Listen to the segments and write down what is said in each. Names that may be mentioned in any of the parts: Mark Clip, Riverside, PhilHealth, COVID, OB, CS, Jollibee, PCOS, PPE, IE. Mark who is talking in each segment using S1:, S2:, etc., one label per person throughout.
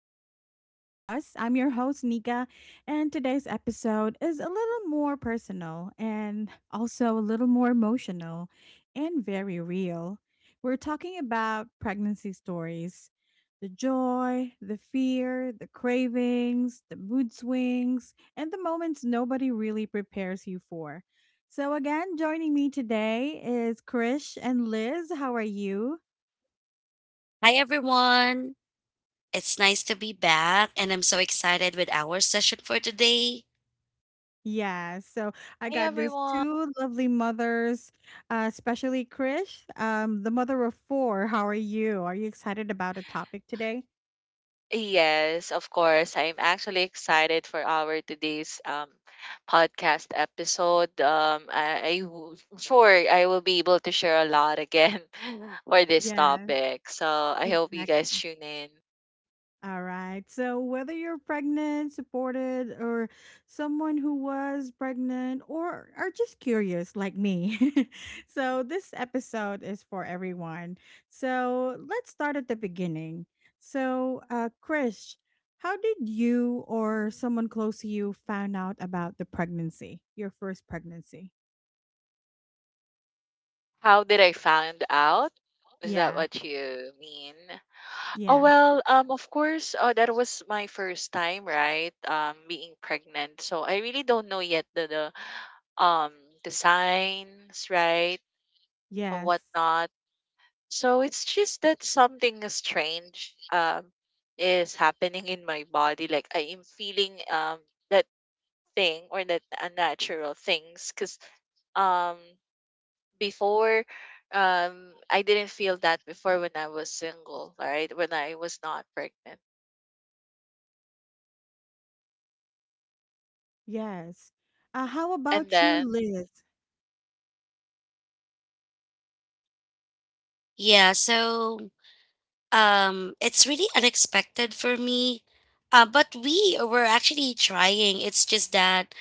S1: back to Chit Chat with Us. I'm your host, Nika, and today's episode is a little more personal and also a little more emotional and very real. We're talking about pregnancy stories, the joy, the fear, the cravings, the mood swings, and the moments nobody really prepares you for. So, again, joining me today is Krish and Liz. How are you?
S2: Hi, everyone. It's nice to be back, and I'm so excited with our session for today.
S1: Yeah, so I got these two lovely mothers, especially Krish, the mother of four. How are you? Are you excited about a topic today? Yeah, exactly. All right. So, whether you're pregnant, supported, or someone who was pregnant, or are just curious like me, so this episode is for everyone. So, let's start at the beginning. So, Krish, how did you or someone close to you found out about the pregnancy, your first pregnancy? Yeah. Yes. Yes. Yes. How about you, Liz?
S2: Yeah, so it's really unexpected for me, but we were actually trying. It's just that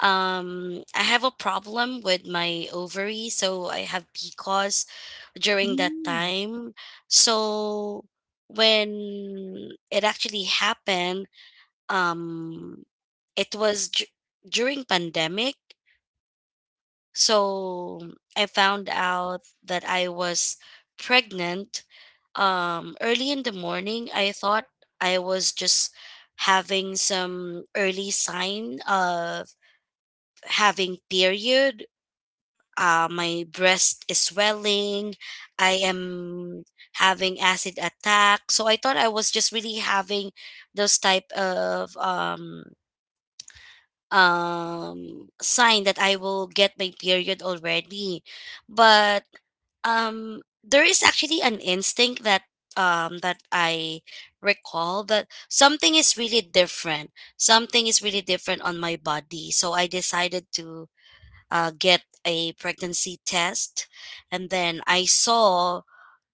S2: I have a problem with my ovary, so I have PCOS during that
S1: Mm.
S2: time. So when it actually happened, um, it was d- during pandemic. So I found out that I was pregnant early in the morning. I thought I was just having some early sign of having period. My breast is swelling. I am having acid attack. So I thought I was just really having those type of sign that I will get my period already. But there is actually an instinct that I recall that something is really different. Something is really different on my body. So I decided to get a pregnancy test, and then I saw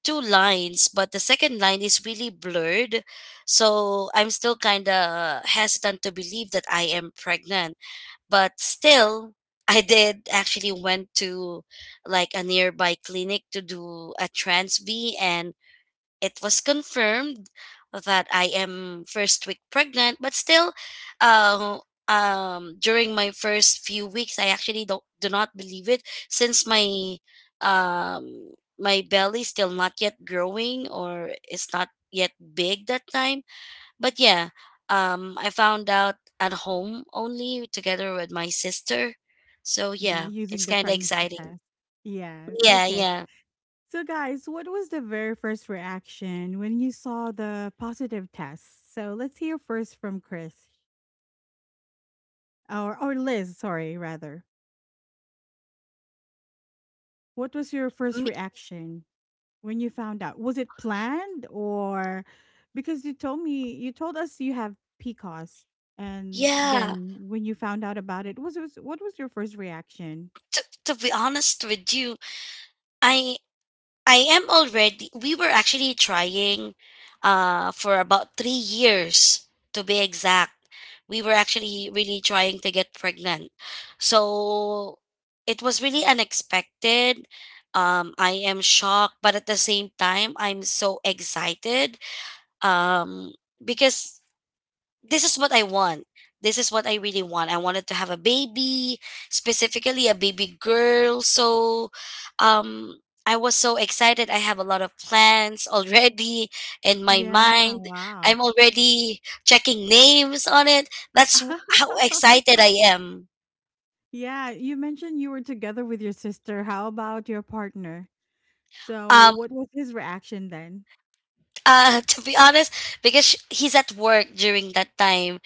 S2: two lines, but the second line is really blurred, so I'm still kind of hesitant to believe that I am pregnant. But still, I did actually went to like a nearby clinic to do a trans b, and it was confirmed that I am first week pregnant. But still, uh, during my first few weeks, I actually don't do not believe it, since my belly still not yet growing, or it's not yet big that time. But yeah, I found out at home only together with my sister. So
S1: Yeah,
S2: yeah,
S1: using
S2: it's
S1: the
S2: kind of
S1: pregnancy
S2: exciting.
S1: test. Yes.
S2: Yeah,
S1: Okay.
S2: yeah.
S1: So, guys, what was the very first reaction when you saw the positive test? So, let's hear first from Chris or Liz, sorry, rather. What was your first
S2: Me-
S1: reaction when you found out? Was it planned? Or because you told me, you told us you have PCOS, and
S2: yeah.
S1: then when you found out about it, was what was your first reaction?
S2: To be honest with you, I I am already, we were actually trying for about 3 years to be exact. We were actually really trying to get pregnant. So it was really unexpected. I am shocked, but at the same time, I'm so excited, um, because this is what I want. This is what I really want. I wanted to have a baby, specifically a baby girl. So um I was so excited. I have a lot of plans already in my
S1: Yeah,
S2: mind.
S1: wow.
S2: I'm already checking names on it. That's how excited I am.
S1: Yeah, you mentioned you were together with your sister. How about your partner? So,
S2: Um
S1: what was his reaction then?
S2: to be honest, because he's at work during that time.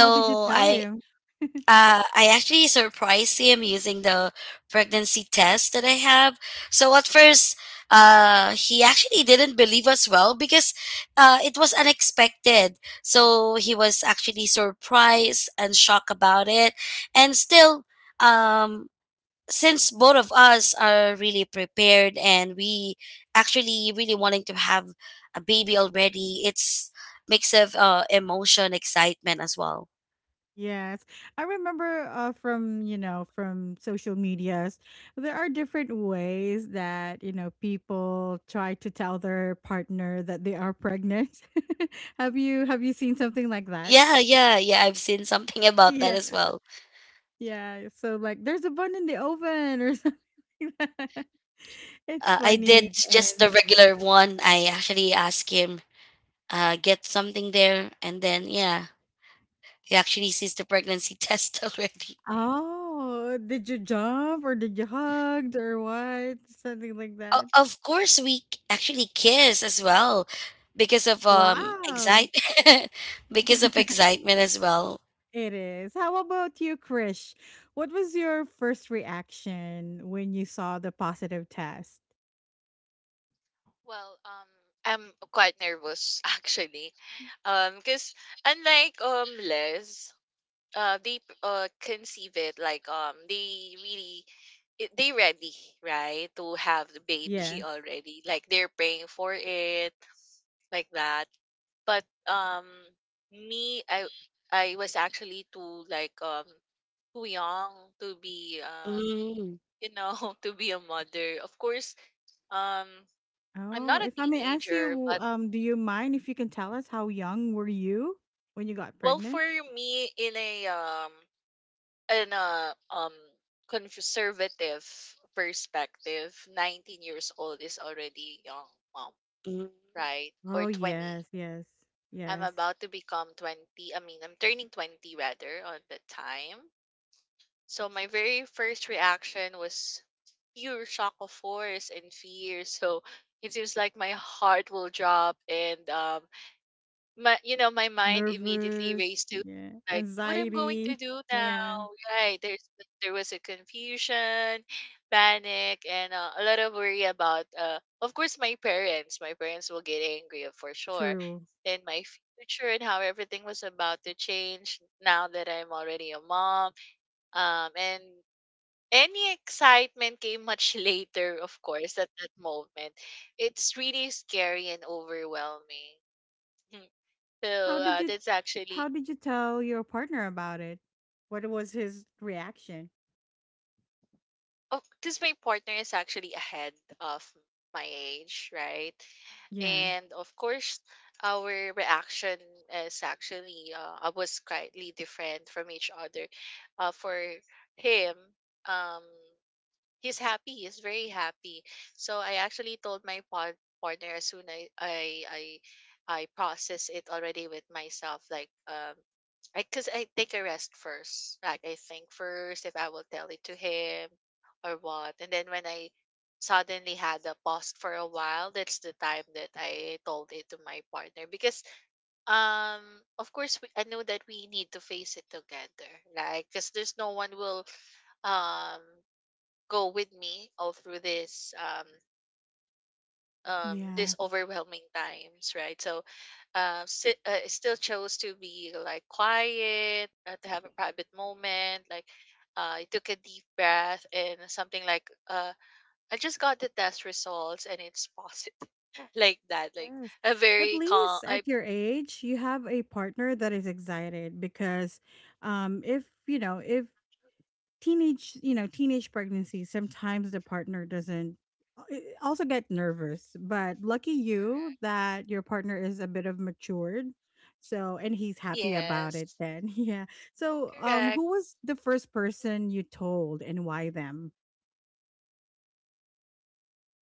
S1: How did you tell
S2: I
S1: him?
S2: I actually surprised him using the pregnancy test that I have. So at first, he actually didn't believe as well, because it was unexpected. So he was actually surprised and shocked about it. And still, um, since both of us are really prepared and we actually really wanting to have a baby already, it's mix of emotion, excitement as well.
S1: Yes. I remember from, you know, from social medias, there are different ways that, you know, people try to tell their partner that they are pregnant. Have you seen something like that?
S2: Yeah. I've seen something about that
S1: Yeah.
S2: as well.
S1: Yeah, so like there's a bun in the oven or something like that. It's
S2: I
S1: funny,
S2: did just the
S1: and
S2: regular one. I actually asked him, get something there, and then yeah, he actually sees the pregnancy test already.
S1: oh, did you jump or did you hugged or what? Something like that.
S2: Of course, actually kiss as well because of
S1: Wow.
S2: excite because of excitement as well.
S1: It is. How about you, Krish? What was your first reaction when you saw the positive test?
S3: Well, I'm quite nervous actually, because unlike Les, conceive it like they really they ready right to have the baby
S1: Yes.
S3: already, like they're praying for it like that. But me, I was actually too like too young to be
S2: Mm,
S3: to be a mother. Of course, um, I'm
S1: Oh,
S3: not a
S1: if I may ask
S3: teenager.
S1: you, do you mind if you can tell us how young were you when you got
S3: Well,
S1: pregnant?
S3: for me, in a conservative perspective, 19 years old is already young mom,
S2: mm.
S3: right? Or
S1: Oh,
S3: 20.
S1: yes, yes,
S3: I'm
S1: yes.
S3: about to become 20. I mean, I'm turning 20 rather on the time. So my very first reaction was pure shock of force and fear. So it seems like my heart will drop and my my mind immediately
S1: Nervous,
S3: raced to
S1: yeah.
S3: like what I'm going to
S1: Anxiety,
S3: do
S1: yeah.
S3: now. Right? There was a confusion, panic, and a lot of worry about. Of course, my parents. My parents will get angry for sure.
S1: True.
S3: And my future and how everything was about to change now that I'm already a mom. And any excitement came much later, of course, at that moment. It's really scary and overwhelming.
S1: How did you
S3: That's
S1: how
S3: actually,
S1: did you tell your partner about it? What was his reaction?
S3: oh, because my partner is actually ahead of my age, right?
S1: Yeah.
S3: And of course, our reaction is actually was slightly different from each other. For him, um, he's happy. He's very happy. So I actually told my pod partner as soon I, I process it already with myself. Like I cause I take a rest first. Like I think first if I will tell it to him or what. And then when I suddenly had a pause for a while, that's the time that I told it to my partner because um of course I know that we need to face it together. Like because there's no one will um go with me all through this
S1: Yeah.
S3: this overwhelming times, right? So I still chose to be like quiet, to have a private moment like, I took a deep breath and something like, I just got the test results and it's positive, like that, like
S1: Yes.
S3: a
S1: At
S3: very calm
S1: least
S3: I.
S1: at your age, you have a partner that is excited, because if, you know, if teenage, you know, teenage pregnancy, sometimes the partner doesn't also get nervous, but lucky you
S3: Correct.
S1: that your partner is a bit of matured. So, and he's happy about it
S3: Yes.
S1: then. Yeah. So,
S3: Correct.
S1: who was the first person you told and why them?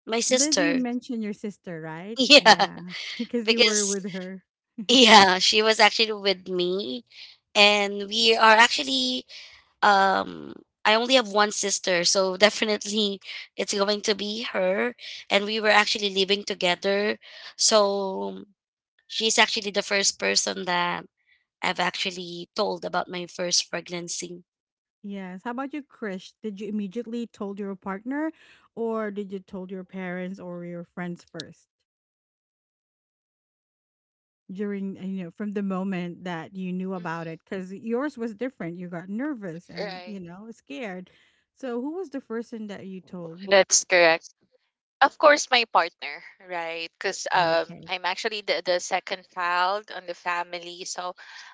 S2: My
S1: Liz, you
S2: sister,
S1: mentioned your sister, right?
S2: yeah,
S1: Yeah. Cuz you were
S2: because
S1: with her.
S2: yeah, she was actually with me, and we are actually um I only have one sister, so definitely it's going to be her. And we were actually living together. So she's actually the first person that I've actually told about my first pregnancy.
S1: Yes. How about you, Krish? Did you immediately told your partner, or did you told your parents or your friends first? During you know, from the moment that you knew about
S3: Hmm.
S1: it, because yours was different. You got nervous and, you
S3: Right.
S1: know, scared. So who was the person that you told?
S3: That's correct. Of course, my partner, right? Because
S1: Okay.
S3: I'm actually the second child on the family. So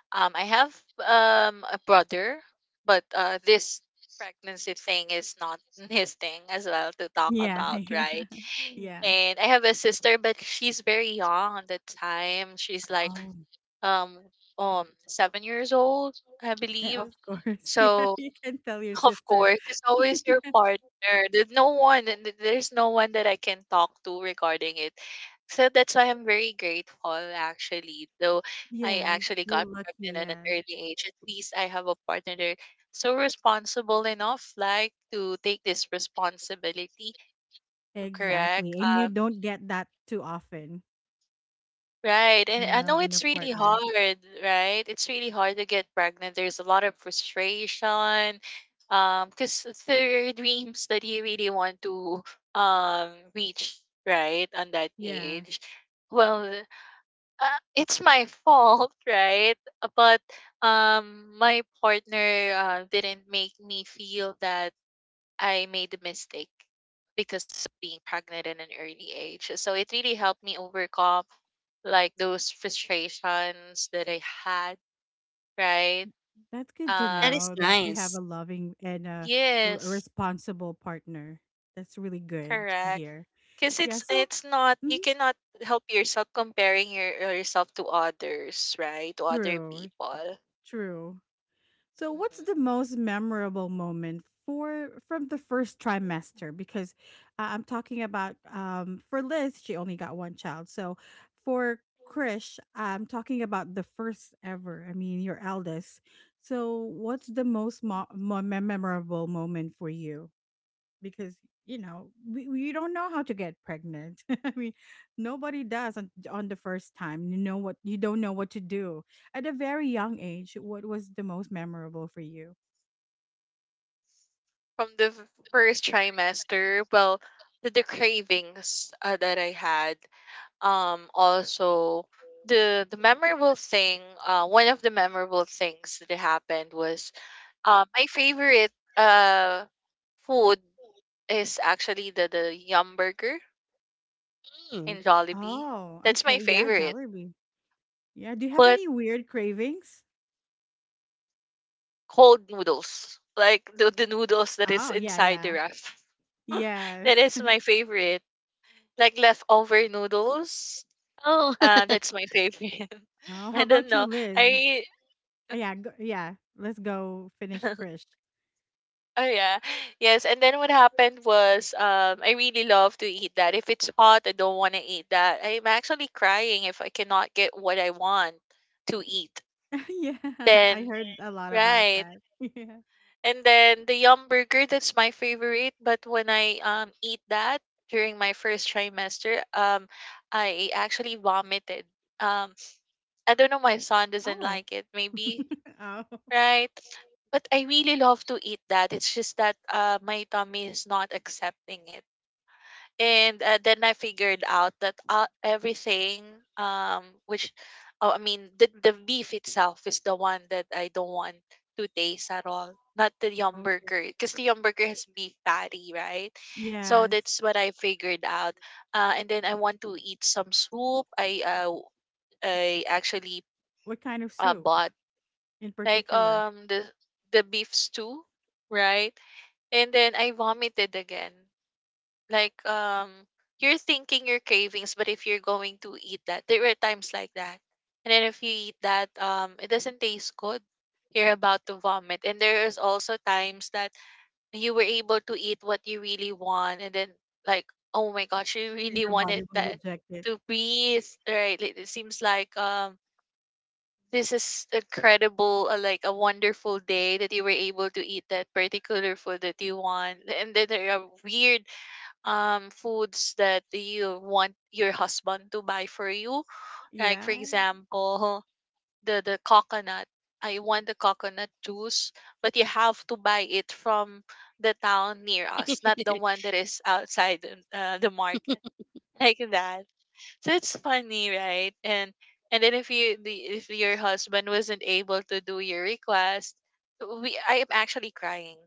S3: I have a brother, but this pregnancy thing is not his thing as well to talk
S1: Yeah.
S3: about,
S1: Yeah.
S3: right?
S1: Yeah.
S3: And I have a sister, but she's very young at the time. She's like
S1: Oh.
S3: um, 7 years old, I
S1: Yeah,
S3: believe.
S1: of course. Yeah,
S3: So
S1: you can tell your
S3: of
S1: sister.
S3: course, it's always your partner. There's no one, and there's no one that I can talk to regarding it. So that's why I'm very grateful, actually. Though I
S1: Yes,
S3: actually
S1: you're
S3: got
S1: lucky.
S3: pregnant at an
S1: Yes.
S3: early age, at least I have a partner there so responsible enough, like to take this responsibility. Correct.
S1: Exactly, and you don't get that too often,
S3: Right.
S1: you
S3: And I
S1: know,
S3: know
S1: in a
S3: it's really
S1: partner.
S3: hard, right? It's really hard to get pregnant. There's a lot of frustration. Because there are dreams that you really want to reach, right, on that
S1: Yeah.
S3: age. Well, uh, it's my fault, right? But my partner didn't make me feel that I made the mistake because of being pregnant in an early age. So it really helped me overcome like those frustrations that I had, right?
S1: That's good to
S3: Um
S2: That is
S1: know that you have
S2: nice.
S1: a loving and a
S3: yes,
S1: responsible partner. That's really good to
S3: correct.
S1: hear.
S3: Cause
S1: Yeah,
S3: it's
S1: so,
S3: it's not you
S1: mhm,
S3: cannot help yourself comparing yourself to others, right? To other
S1: true,
S3: people.
S1: true. So what's
S3: Mhm.
S1: the most memorable moment for from the first trimester, because I'm talking about, for Liz she only got one child. So for Krish, I'm talking about the first ever. I mean, your eldest. So what's the most memorable moment for you? Because you know we, you don't know how to get pregnant I mean, nobody does on the first time. You know what, you don't know what to do at a very young age. What was the most memorable for you?
S3: From the first trimester, well, the cravings that I had, also the memorable thing, one of the memorable things that happened was my favorite uh food is actually the yum burger in Jollibee.
S1: Oh,
S3: That's my
S1: okay, yeah,
S3: favorite.
S1: Jollibee. Yeah, do you have
S3: But
S1: any weird cravings?
S3: cold noodles, like the noodles that is
S1: Oh yeah,
S3: inside the
S1: yeah.
S3: wrap, that
S1: Yes.
S3: is my favorite. Like leftover noodles,
S2: Oh,
S3: that's my favorite.
S1: Oh, how
S3: I don't
S1: about you,
S3: know.
S1: Liz?
S3: I.
S1: Oh, yeah go, yeah, let's go finish Krish.
S3: Oh yeah. Yes, and then what happened was, I really love to eat that. If it's hot, I don't want to eat that. I'm actually crying if I cannot get what I want to eat.
S1: Yeah. I
S3: Then,
S1: heard a lot about
S3: right.
S1: that. Yeah.
S3: And then the Yum Burger, that's my favorite, but when I eat that during my first trimester, I actually vomited. Um I don't know my son doesn't
S1: Oh.
S3: like it. Maybe.
S1: Oh.
S3: Right. But I really love to eat that. It's just that, my tummy is not accepting it. And then I figured out that, um, which, oh, I mean, the beef itself is the one that I don't want to taste at all. Not the yum
S1: Okay.
S3: burger, because the yum burger has beef patty, right? So
S1: Yes.
S3: that's what I figured out. And then I want to eat some soup. I actually
S1: What kind of soup
S3: bought
S1: in
S3: like
S1: particular?
S3: the beef stew, right? And then I vomited again. Like you're thinking your cravings, but if you're going to eat that, there were times like that. And then if you eat that, it doesn't taste good. You're about to vomit. And there is also times that you were able to eat what you really want and then like, oh my gosh, you really
S1: Your
S3: wanted
S1: body will
S3: that
S1: reject it.
S3: to breathe, right? It seems like this is incredible, like a wonderful day that you were able to eat that particular food that you want. And then there are weird foods that you want your husband to buy for you. Like for
S1: Yeah,
S3: example, the coconut. I want the coconut juice, but you have to buy it from the town near us, not the one that is outside the market, like that. So it's funny, right? And then if you the if your husband wasn't able to do your request, we I am actually crying.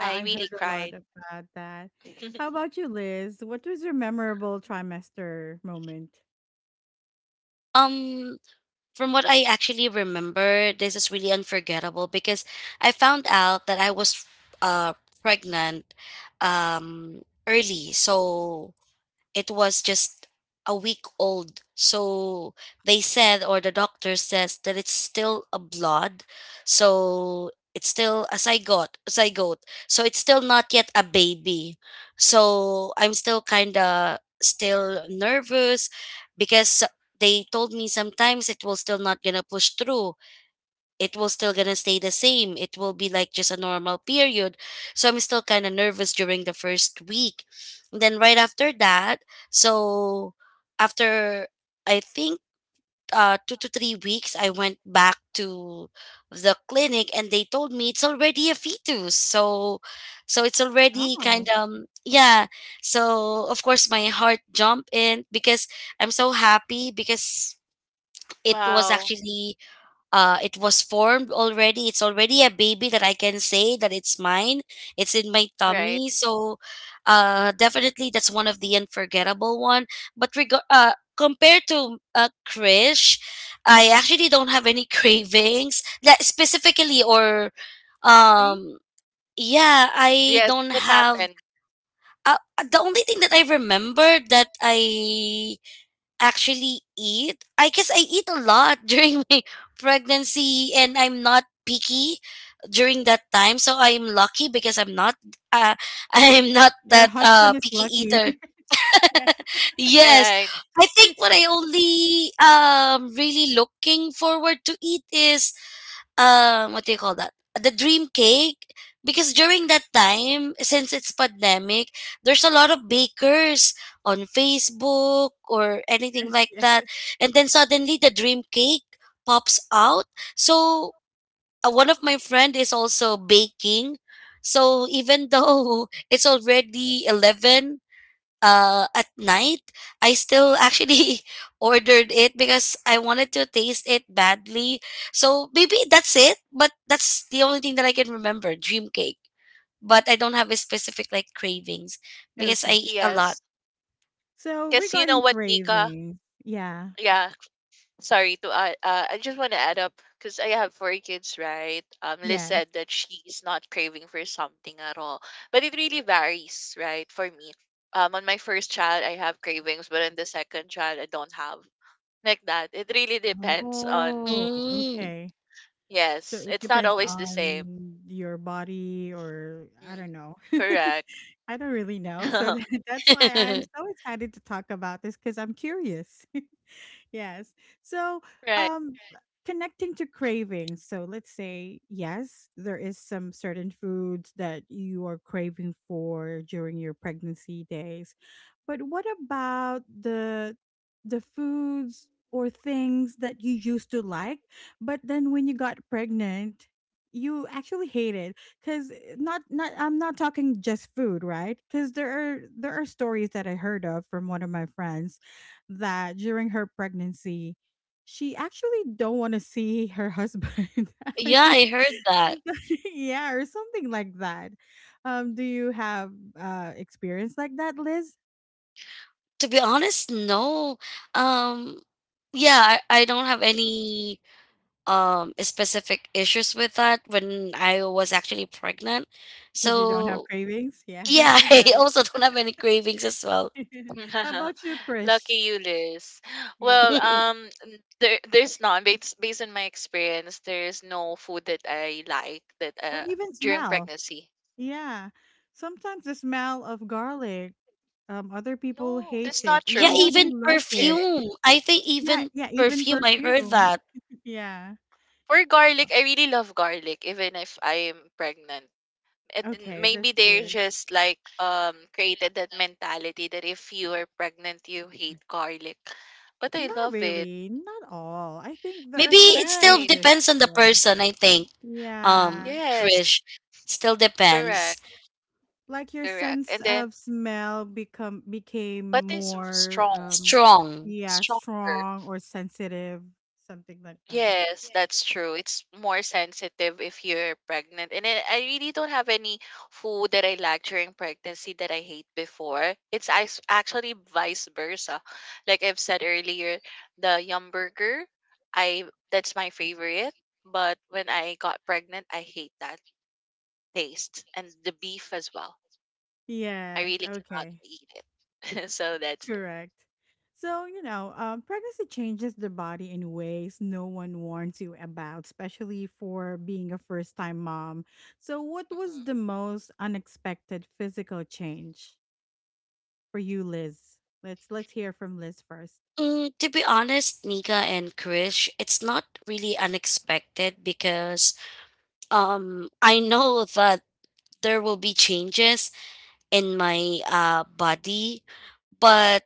S3: I really
S1: heard a lot
S3: cried.
S1: about that. How about you, Liz? What was your memorable trimester moment?
S2: um, from what I actually remember, this is really unforgettable because I found out that I was uh pregnant um early. So it was just a week old. So they said, or the doctor says, that it's still a blood. So it's still a zygote, zygote. So it's still not yet a baby. So I'm still kind of still nervous because they told me sometimes it will still not gonna push through. It will still gonna stay the same. It will be like just a normal period. So I'm still kind of nervous during the first week. And then right after that, so after I think 2 to 3 weeks, I went back to the clinic, and they told me it's already a fetus. So so it's already kind
S1: Oh,
S2: of yeah. So of course my heart jumped in because I'm so happy because it was
S3: Wow.
S2: actually it was formed already. It's already a baby that I can say that it's mine. It's in my
S3: Right.
S2: tummy. So definitely that's one of the unforgettable one. Compared to Krish, I actually don't
S3: Mhm.
S2: have any cravings that specifically or
S1: really?
S2: um yeah, I
S3: Yes,
S2: don't
S3: that
S2: have
S3: happened.
S2: uh, the only thing that I remember that I actually eat. I guess I eat a lot during my pregnancy, and I'm not picky during that time. So I'm lucky because I'm not uh, I'm not
S1: Your
S2: that
S1: husband is
S2: picky
S1: lucky.
S2: eater.
S1: Yes,
S2: Yes.
S3: Right.
S2: I think what I only really looking forward to eat is what do you call that, the dream cake, because during that time since it's pandemic, there's a lot of bakers on Facebook or anything
S1: yes,
S2: like
S1: yes.
S2: that, and then suddenly the dream cake pops out. So one of my friend is also baking, so even though it's already 11 at night, I still actually ordered it because I wanted to taste it badly. So maybe that's it, but that's the only thing that I can remember, dream cake. But I don't have a specific like cravings because
S1: Okay.
S2: I eat a lot.
S3: Yes.
S1: So
S3: Cause you know
S1: regarding
S3: what, Nika?
S1: cravings, yeah,
S3: Yeah, sorry to I just want to add up because I have 4 kids, right? Liz
S1: yes.
S3: said that she is not craving for something at all, but it really varies, right? For me, on my first child, I have cravings, but on the second child, I don't have like that. It really depends on.
S1: Oh,
S2: Mm.
S1: okay. So
S3: Yes,
S1: it
S3: it's not
S1: depends
S3: always the same.
S1: on your body, or I
S3: Mm,
S1: don't know.
S3: correct.
S1: I don't really know. So that, that's why I'm so excited to talk about this because I'm curious. Yes. So,
S3: Right.
S1: um, connecting to cravings. So, let's say, yes, there is some certain foods that you are craving for during your pregnancy days. But what about the foods or things that you used to like, but then when you got pregnant, you actually hated? Cuz not, not, I'm not talking just food, right? Cuz there are stories that I heard of from one of my friends that during her pregnancy, she actually don't want to see her husband. I
S2: yeah,
S1: mean,
S2: I heard that.
S1: she's like- yeah, or something like that. Do you have experience like that, Liz?
S2: To be honest, no. Um, yeah, I don't have any specific issues with that when I was actually pregnant.
S1: Because you don't have
S2: So
S1: cravings. Yeah,
S2: yeah,
S1: is that
S2: I also
S1: it?
S2: don't have any cravings as well.
S1: How about you,
S3: Lucky
S1: Krish?
S3: you, Liz.
S1: Yeah,
S3: Well, there, there's none. Based on my experience, there's no food that I like that
S1: or even
S3: during
S1: smell.
S3: pregnancy.
S1: Yeah, sometimes the smell of garlic. Other people
S3: No,
S1: hate
S3: that's
S1: it,
S3: not
S2: Yeah,
S1: even though
S3: true.
S1: they
S2: even
S1: like it.
S3: Eh,
S2: perfume. I think
S1: Yeah,
S2: even
S1: yeah, even
S2: perfume, I heard
S1: perfume.
S2: that.
S1: Yeah.
S3: for garlic, I really love garlic, even if I'm pregnant. And then
S1: Okay,
S3: maybe
S1: that's
S3: they're
S1: good.
S3: just like created that mentality that if you are pregnant, you hate garlic. But I
S1: Not
S3: love it.
S1: really, not all. I think there
S2: Maybe
S1: are some
S2: it still
S3: Right.
S1: cases,
S2: depends on the
S1: yeah.
S2: person, I think.
S1: Yeah,
S3: Yes.
S2: Krish, still
S3: Correct.
S2: depends.
S1: like your
S3: Correct.
S1: sense
S3: And then,
S1: of smell become became
S3: but it's
S1: more
S3: strong.
S2: Strong.
S1: yeah,
S3: Stronger.
S1: strong or sensitive, something like that.
S3: Yes, that's true. It's more sensitive if you're pregnant. And I really don't have any food that I like during pregnancy that I hate before. It's actually vice versa. Like I've said earlier, the Yum Burger, I that's my favorite. But when I got pregnant, I hate that taste and the beef as well. I
S1: Yes,
S3: really cannot
S1: okay.
S3: eat it. So that's it.
S1: Correct. So, you know, pregnancy changes the body in ways no one warns you about, especially for being a first time mom. So, what was
S3: Mhm.
S1: the most unexpected physical change for you, Liz? Let's hear from Liz first.
S2: Mm, to be honest, Nika and Krish, it's not really unexpected because I know that there will be changes in my body, but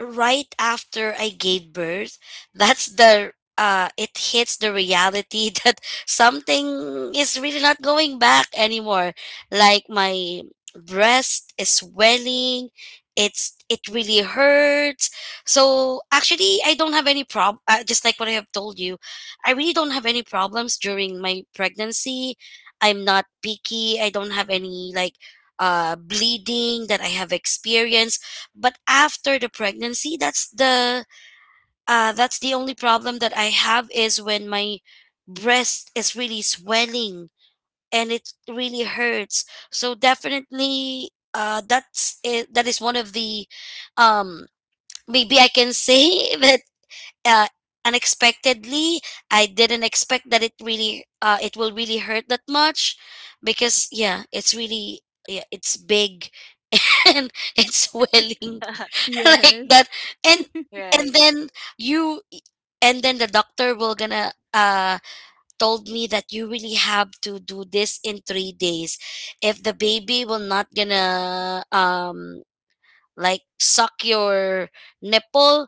S2: right after I gave birth, that's the it hits the reality that something is really not going back anymore. Like my breast is swelling, it really hurts. So actually I don't have any problem, just like what I have told you. I really don't have any problems during my pregnancy. I'm not picky. I don't have any like bleeding that I have experienced, but after the pregnancy, that's the only problem that I have, is when my breast is really swelling and it really hurts. So definitely that's it. That is one of the um maybe I can say that uh unexpectedly, I didn't expect that it really it will really hurt that much, because yeah, it's really yeah, it's big and it's swelling like
S1: Yes.
S2: that. And and
S3: Right.
S2: then you and then the doctor will gonna told me that you really have to do this in 3 days. If the baby will not gonna like suck your nipple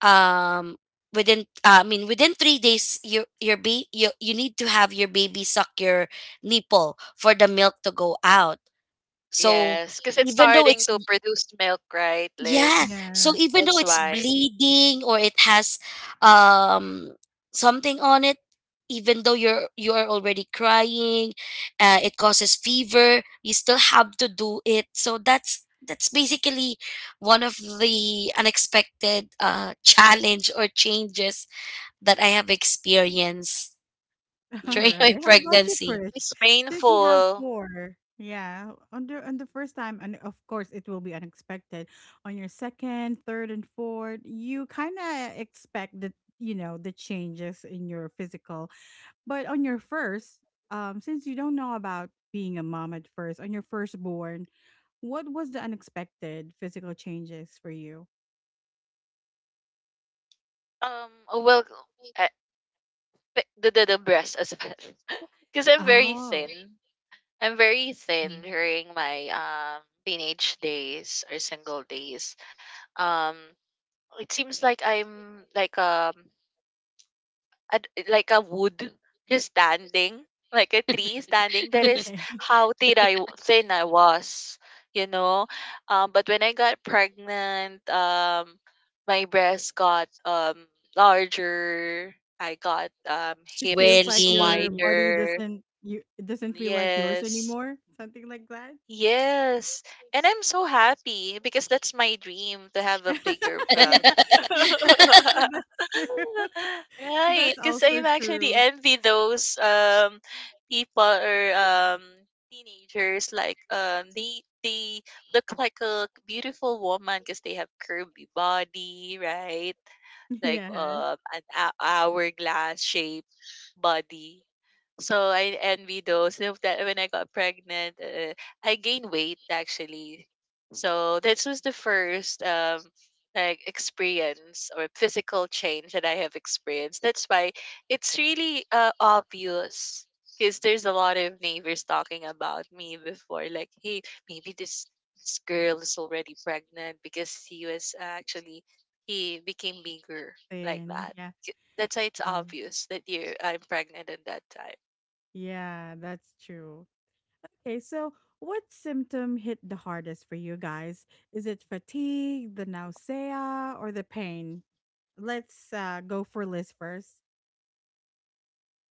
S2: um within within 3 days, your you need to have your baby suck your nipple for the milk to go out. So
S3: Yes, because it's
S2: even though
S3: starting
S2: it's
S3: to produce milk, right,
S2: yeah.
S3: Liz?
S2: So
S1: Yes.
S2: even though
S3: That's
S2: it's
S3: why.
S2: bleeding or it has um something on it, even though you are already crying, it causes fever, you still have to do it. So that's basically one of the unexpected challenge or changes that I have experienced
S1: All
S2: during
S3: Hmm.
S1: right.
S2: my
S1: How about you,
S2: pregnancy.
S1: Krish?
S3: It's
S1: Since you have
S3: painful.
S1: four, yeah, on
S3: Mhm.
S1: the first time, and of course it will be unexpected. On your second, third, and fourth, you kind of expect the you know, the changes in your physical. But on your first, since you don't know about being a mom at first, on your firstborn, what was the unexpected physical changes for you?
S3: Oh, well, uh, the breast as well. Because I'm very
S1: Oh.
S3: thin. I'm very thin during my teenage days or single days. Um, it seems like I'm like like a wood just standing like a tree standing that is
S1: Okay.
S3: how thin I was, you know. But when I got pregnant, my breasts got larger, I got
S1: It feels like
S3: hips
S1: your
S2: Swelling.
S1: body
S3: wider.
S1: doesn't, you, it doesn't feel like yours
S3: Yes.
S1: anymore, something like that.
S3: Yes. And I'm so happy because that's my dream to have a bigger
S1: Yeah,
S3: van.
S1: yeah. That's true.
S3: Right.
S1: That's
S3: Because
S1: also
S3: I've actually
S1: true.
S3: envy those people or teenagers like they look like a beautiful woman because they have curvy body, right? Like
S1: Yes,
S3: an hourglass body. So I envy those of that when I got pregnant, I gained weight actually. So this was the first like experience or physical change that I have experienced. That's why it's really obvious because there's a lot of neighbors talking about me before, like, hey, maybe this girl is already pregnant because he was actually he became bigger like
S1: and
S3: that.
S1: yeah,
S3: That's why it's
S1: yeah,
S3: obvious that you I'm pregnant at that time.
S1: yeah, that's true. Okay, so what symptom hit the hardest for you guys? Is it fatigue, the nausea, or the pain? Let's go for Liz first.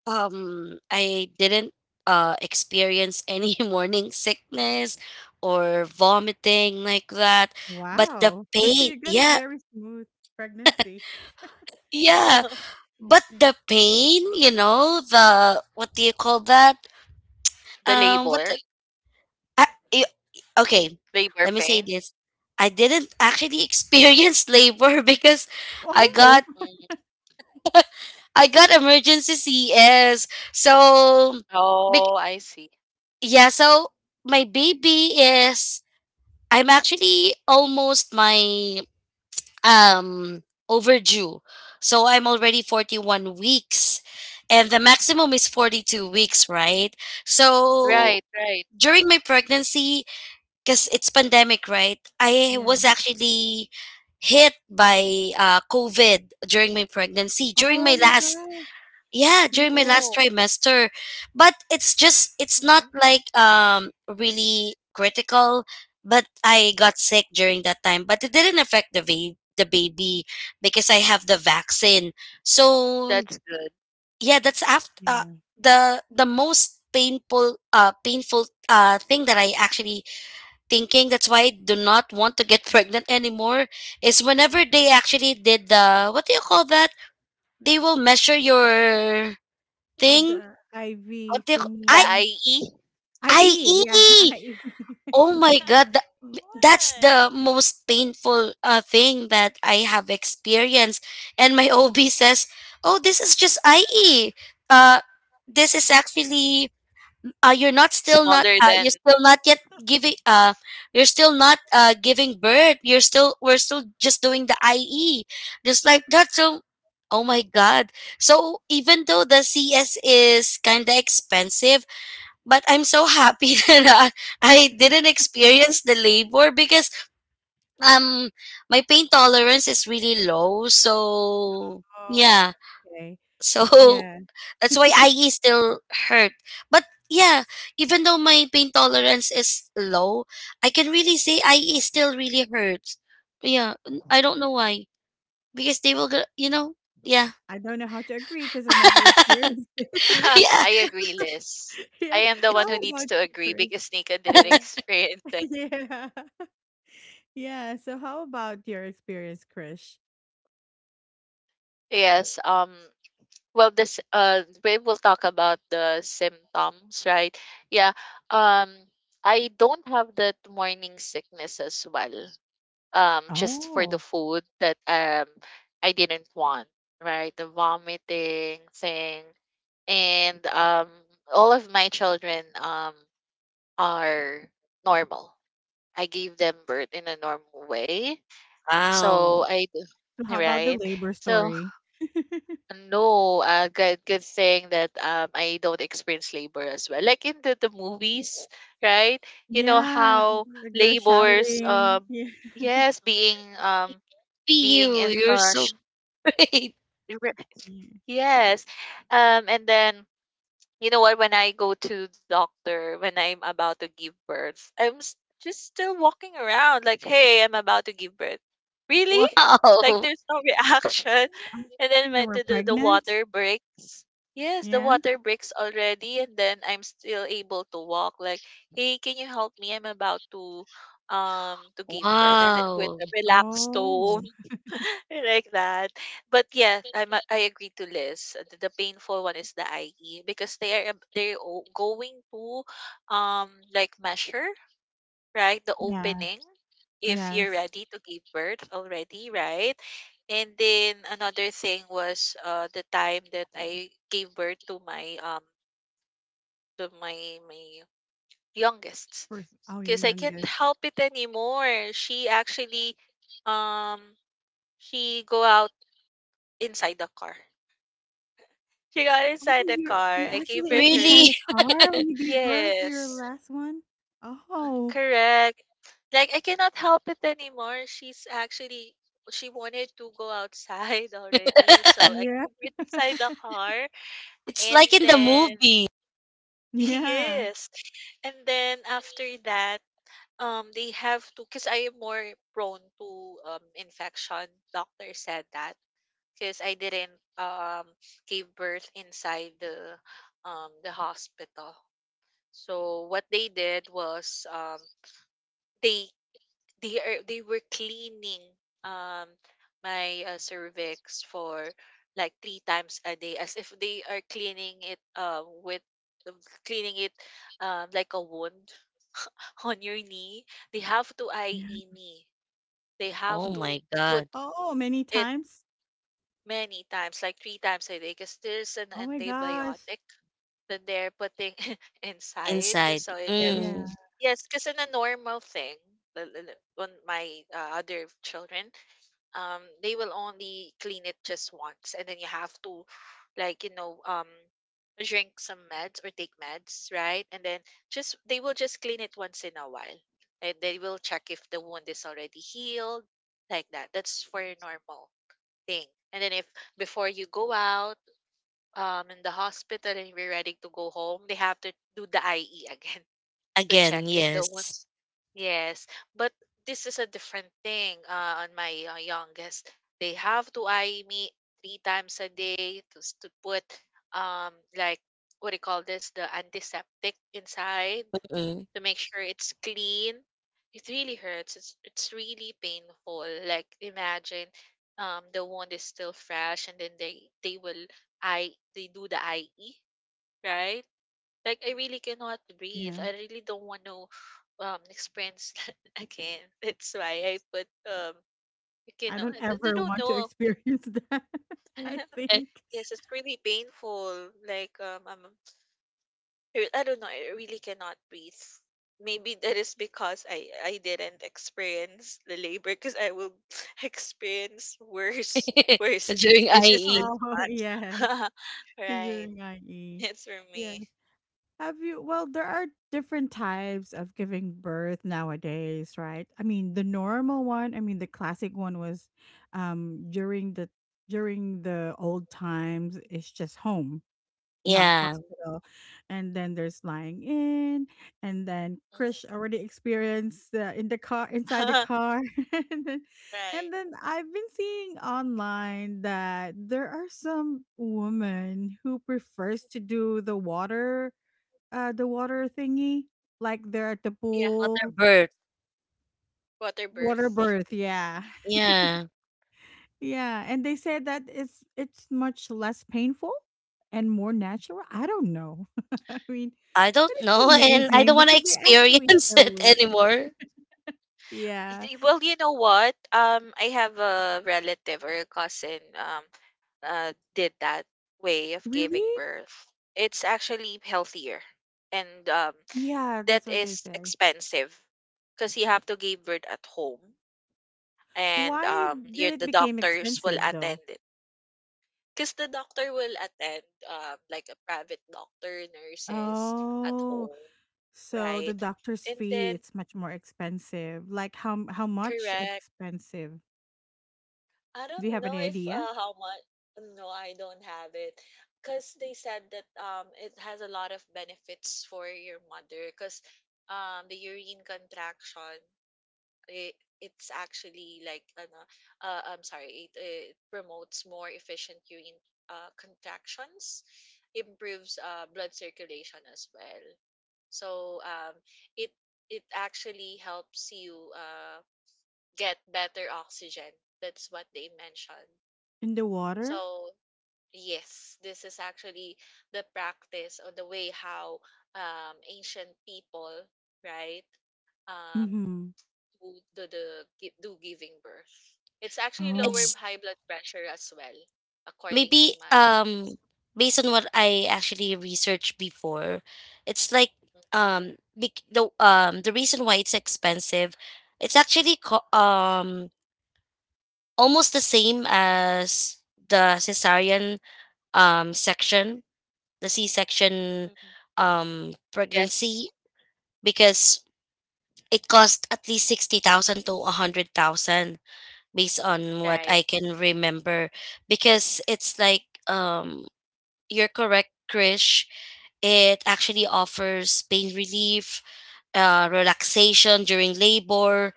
S2: I didn't experience any morning sickness or vomiting like that, but the
S1: Wow,
S2: pain,
S1: you got a
S2: yeah,
S1: very smooth pregnancy.
S2: yeah, but the pain, you know, the what do you call that?
S3: The
S2: What the,
S3: labor,
S2: I, I- okay,
S3: labor
S2: let me say
S3: pain.
S2: this. I didn't actually experience labor because I
S1: Oh.
S2: got
S3: Mm.
S2: I got emergency CS. So, bec-
S3: Oh, I see.
S2: yeah, so my baby is I'm actually almost my um overdue. So I'm already 41 weeks, and the maximum is 42 weeks, right?
S3: Right,
S2: So
S3: right.
S2: during my pregnancy, cuz it's pandemic, right? I
S1: Yeah.
S2: was actually hit by COVID during my pregnancy, during
S1: Oh
S2: my
S1: my
S2: last
S1: gosh.
S2: yeah,
S1: Yeah.
S2: during my last
S3: Oh,
S2: trimester, but it's just it's not
S3: mhm.
S2: like really critical, but I got sick during that time. But it didn't affect the baby, the baby, because I have the vaccine. So
S3: That's good.
S2: yeah, that's after
S1: Yeah.
S2: the most painful painful thing that I actually thinking, that's why I do not want to get pregnant anymore, is whenever they actually did the what do you call that, they will measure your
S1: Oh,
S2: thing.
S1: the IV
S2: What do you
S3: The
S1: thingy.
S3: IE,
S1: IE.
S3: IE.
S1: Yeah. IE.
S2: Oh my god, that's
S3: Right.
S2: the most painful, thing that I have experienced, and my OB says, "Oh, this is just IE. Uh, this is actually,
S3: Smaller than.
S2: you're still not yet giving, you're still not, giving birth. You're still, we're still just doing the IE." Just like that, so oh my god. So even though the CS is kind of expensive, but I'm so happy that I didn't experience the labor because um my pain tolerance is really low. So
S1: Oh,
S2: yeah,
S1: okay.
S2: so
S1: Yeah.
S2: that's why IE still hurt. But yeah, even though my pain tolerance is low, I can really say IE still really hurts. Yeah, I don't know why because they will go. Yeah,
S1: I don't know how to agree because I never experienced it.
S2: yeah.
S3: I agree, Liz.
S1: Yeah.
S3: I am the one
S2: It's
S3: who
S1: How
S3: needs
S1: about
S3: to
S1: you,
S3: agree
S1: Chris?
S3: because Nika didn't
S1: Yeah.
S3: experience it.
S1: Yeah. Yeah. So, how about your experience, Chris?
S3: Yes. Well, this we will talk about the symptoms, right? Yeah. Um I don't have that morning sickness as well. Just for the
S1: Oh.
S3: food that I didn't want, right? The vomiting thing, and all of my children are normal. I gave them birth in a normal way. So
S2: wow.
S3: I
S1: So, how about the
S3: right?
S1: labor
S3: So
S1: story?
S3: no, good thing that I don't experience labor as well. Like in the movies, right? You know
S1: Yeah.
S3: how
S1: Like they're
S3: labors,
S1: shouting. Yeah.
S3: yes, being,
S2: Be
S3: being
S2: you.
S3: is,
S2: You're so great.
S3: re-
S1: Yeah.
S3: yes. And then you know what? When I go to the doctor, when I'm about to give birth, I'm just still walking around like, hey, I'm about to give birth. Really? Like
S2: Wow.
S3: there's no
S1: Were
S3: reaction.
S1: you active
S3: And then
S1: when you
S3: when
S1: were
S3: the
S1: pregnant?
S3: water breaks. Yes, the
S1: Yeah?
S3: water breaks already. And then I'm still able to walk. Like, hey, can you help me? I'm about to give birth, and with
S2: Wow,
S3: a relaxed tone
S1: Oh,
S3: like that. But yeah, I agree to Liz. The painful one is the IE, because going to like measure, right? The
S1: yeah.
S3: opening, if you're
S1: Yes.
S3: ready to give birth already, right? And then another thing was the time that I gave birth to my, to my youngest,
S1: First, oh, your
S3: because I can't
S1: youngest.
S3: help it anymore. She actually, um she go out inside the car. She got
S1: Oh,
S3: inside the
S1: you're
S3: car.
S1: you're
S3: I gave
S1: actually at
S3: it her.
S1: inside
S2: really?
S1: a car when you gave birth to your
S3: Yes.
S1: last one? Oh,
S3: Correct. Like I cannot help it anymore. She's actually, she wanted to go outside already. So I
S1: yeah.
S3: gave it inside the car,
S2: It's
S3: and
S2: like in the
S3: then
S2: movie.
S1: Yeah.
S3: yes. And then after that, they have to, because I am more prone to infection. Doctor said that, because I didn't give birth inside the, the hospital. So what they did was, they they were cleaning um my cervix for like three times a day, as if they are cleaning it with, cleaning it like a wound on your knee. They have to
S1: Yeah.
S3: IE me. They
S2: Oh
S3: have
S1: Mm.
S2: my
S3: to
S2: God,
S3: put
S1: Oh, many
S3: it
S1: times?
S3: many times, like three times a day, because there's an
S1: Oh my gosh.
S3: antibiotic that they're putting inside,
S2: inside.
S3: so it...
S2: Mm.
S1: Yeah,
S3: Yes, cause in a normal thing, on my, other children, they will only clean it just once, and then you have to, like, drink some meds, or take meds, right? And then just they will just clean it once in a while, and they will check if the wound is already healed, like that. That's for a normal thing. And then if before you go out, in the hospital, and you're ready to go home, they have to do the IE again, to check
S2: Again,
S3: if the
S2: yes.
S3: ones, yes, but this is a different thing on my youngest. They have to eye me three times a day, to, to put, like, what do you call this, the antiseptic inside,
S2: Mm.
S3: to make sure it's clean. It really hurts. It's really painful. Like, imagine, the wound is still fresh, and then they will I they do the IE, right? Like, I really cannot breathe.
S1: yeah.
S3: I really don't want to experience that again. That's why I put, you can...
S1: I
S3: cannot.
S1: don't
S3: I
S1: ever
S3: don't
S1: want to
S3: know.
S1: experience that, I think.
S3: Yes, it's really painful. Like, I'm, I don't know. I really cannot breathe. Maybe that is because I didn't experience the labor, because I will experience worse thing,
S2: During
S3: which is this
S2: IE.
S1: Oh, yes,
S3: one. Right.
S1: during IE.
S3: It's for
S1: Yes.
S3: me.
S1: Have you, well, there are different types of giving birth nowadays, right? I mean, the normal one, I mean, the classic one was during the, during the old times, it's just home, not
S2: Yeah,
S1: hospital. And then there's lying in, and then Krish
S3: Mhm.
S1: already experienced in the car, inside the car. And then,
S3: Right.
S1: and then I've been seeing online that there are some women who prefers to do the water thingy, like they're at the
S3: Yeah.
S2: water
S1: pool,
S2: birth.
S3: Water
S1: water
S3: birth.
S1: birth. Yeah,
S2: Yeah,
S1: yeah. And they said that it's much less painful and more natural. I don't know. I mean,
S2: I
S1: but
S2: don't know,
S1: it's
S2: and I don't
S1: amazing
S2: want to
S1: because they actually
S2: experience it
S1: show it.
S2: anymore.
S1: Yeah,
S3: Well, you know what? I have a relative or a cousin, did that way of
S1: really.
S3: giving birth. It's actually healthier, and
S1: Yeah, that's
S3: that
S1: what they
S3: is
S1: say.
S3: expensive, because you have to give birth at home, and
S1: Why did
S3: your
S1: it
S3: the
S1: became
S3: doctors will
S1: expensive
S3: attend
S1: though?
S3: it. Because the doctor will attend, like, a private doctor, nurses at
S1: Oh,
S3: home,
S1: so the
S3: right?
S1: doctor's
S3: And
S1: fee,
S3: then,
S1: it's much more expensive. Like how much
S3: correct,
S1: expensive?
S3: I
S1: Do you
S3: don't
S1: have
S3: know
S1: any
S3: if
S1: idea?
S3: how much. No, I don't have it. Because they said that, it has a lot of benefits for your mother. Because, the urine contraction, it, it's actually like, an, I'm sorry, it promotes more efficient urine contractions, improves blood circulation as well. So, it it actually helps you get better oxygen. That's what they mentioned.
S1: In the water?
S3: So, yes, this is actually the practice or the way how, ancient people, right, um,
S1: Mhm.
S3: do the gi- do giving birth. It's actually lower
S1: Oh.
S2: It's
S3: high blood pressure as well, according to
S2: maybe
S3: my.
S2: based on what I actually researched before. It's like the reason why it's expensive. It's actually almost the same as the cesarean section, the C section
S3: Mm. Yes,
S2: pregnancy, because it cost at least 60,000 to 100,000 based on what
S3: right.
S2: I can remember. Because it's like, you're correct, Krish. It actually offers pain relief, relaxation during labor,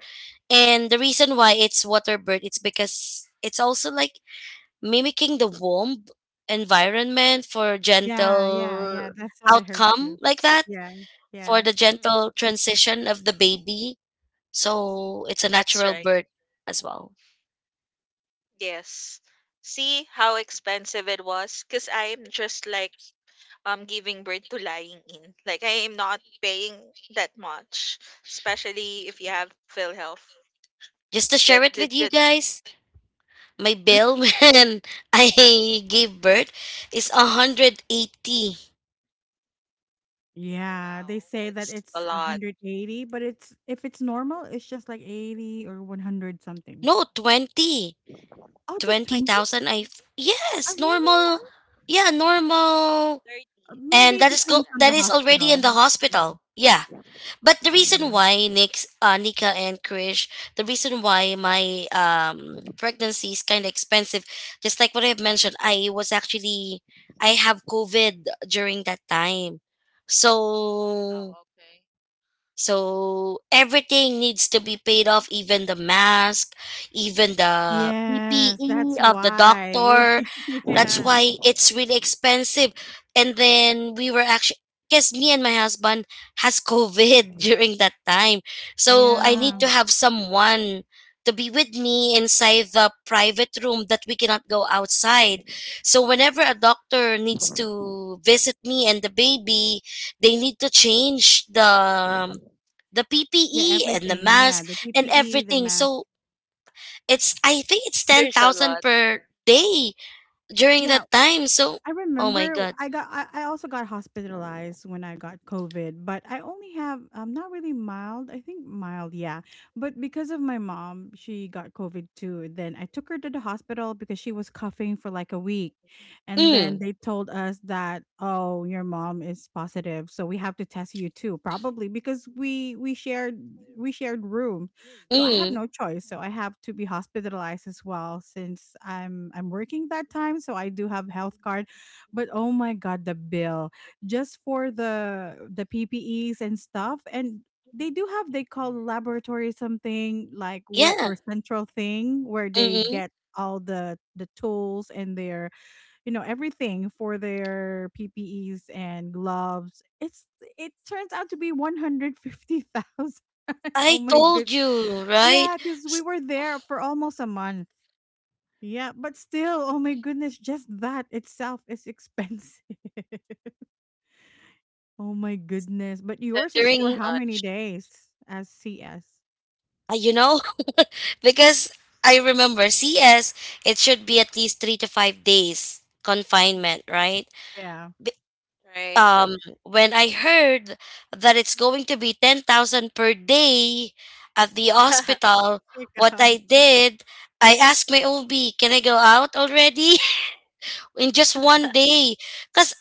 S2: and the reason why it's water birth, it's because it's also like mimicking the warm environment for
S1: Yeah, yeah,
S2: gentle
S1: yeah, that's what I heard
S2: outcome
S1: too.
S2: like that,
S1: Yeah,
S2: for
S1: yeah.
S2: the
S3: Hmm.
S2: gentle transition of the baby, so it's a
S3: That's
S2: natural
S3: right.
S2: birth as well.
S3: Yes. See how expensive it was? Because I'm just like, giving birth to lying in. Like, I am not paying that much, especially if you have PhilHealth.
S2: Just to share
S3: That,
S2: it
S3: that,
S2: with you
S3: that,
S2: guys, my bill when I gave birth is 180.
S1: Yeah, they
S3: wow,
S1: say that
S3: that's a
S1: it's
S3: lot.
S1: 180, but it's if it's normal, it's just like 80 or 100 something.
S2: No, 20.
S1: Oh, just 20?
S2: 20,000.
S1: Oh,
S2: Yes,
S1: really?
S2: normal. Yeah, normal.
S1: Oh,
S3: 30,
S2: And
S1: maybe it
S2: that
S3: 30,
S2: is
S3: like
S2: go
S1: depends on
S3: that.
S2: that
S1: the
S2: is already in
S1: hospital.
S2: the hospital.
S1: Mhm.
S2: Yeah, but the
S3: Mm.
S2: reason
S1: Yeah.
S2: why Nick's Nika and Krish, the reason why my pregnancy is kind of expensive, just like what I've mentioned, I was actually I have COVID during that time,
S3: Mm,
S2: so
S3: oh, okay.
S2: everything needs to be paid off, even the mask, even the
S1: Yes,
S2: PPE
S1: that's
S2: of the
S1: why.
S2: doctor. That's
S1: Yeah.
S2: why it's really expensive. And then we were actually because me and my husband has COVID during that time. So I need
S1: Yeah.
S2: to
S3: Oh,
S2: have someone to be with me inside the private room that we cannot go outside. So whenever a doctor needs to visit me and the baby, they need to change the
S1: Yeah,
S2: PPE and the
S1: everything. Yeah,
S2: mask
S1: the
S2: and
S1: PPE, the
S2: everything.
S1: mask.
S2: So it's I think it's ten
S3: there's a
S2: thousand
S3: lot.
S2: per day during
S1: Yeah,
S2: that time. So,
S1: I
S2: oh my
S1: remember
S2: God.
S1: I got, I also got hospitalized when I got COVID, but I only have not really mild, I think mild, yeah. But because of my mom, she got COVID too. Then I took her to the hospital because she was coughing for like a week. And then
S2: Mm,
S1: they told us that, oh, your mom is positive, so we have to test you too, probably because we shared room. So I have
S2: mm,
S1: no choice. So I have to be hospitalized as well, since I'm working that time, so I do have health card. But oh my god, the bill just for the PPEs and stuff, and they do have they call laboratory, something like, where
S2: yeah.
S1: or central thing where they
S2: Mm-mm.
S1: get all the tools and their everything for their PPEs and gloves. It turns out to be 150,000. Oh
S2: I
S1: my good,
S2: told you, right?
S1: yeah, because
S2: S-
S1: we were there for almost a month. Yeah, but still, oh my goodness, just that itself is expensive. Oh my goodness. But
S3: That's
S1: yours is
S3: too
S1: for
S2: during
S1: how many
S3: much.
S1: days as CS?
S2: you know because I remember CS. It should be at least 3 to 5 days confinement,
S3: Mm,
S2: right?
S1: Yeah.
S3: right?
S2: um when I heard that it's going to be 10,000 per day at the hospital,
S1: Oh my
S2: what I
S1: gosh.
S2: did, I asked my OB, can I go out already in just one day? Cuz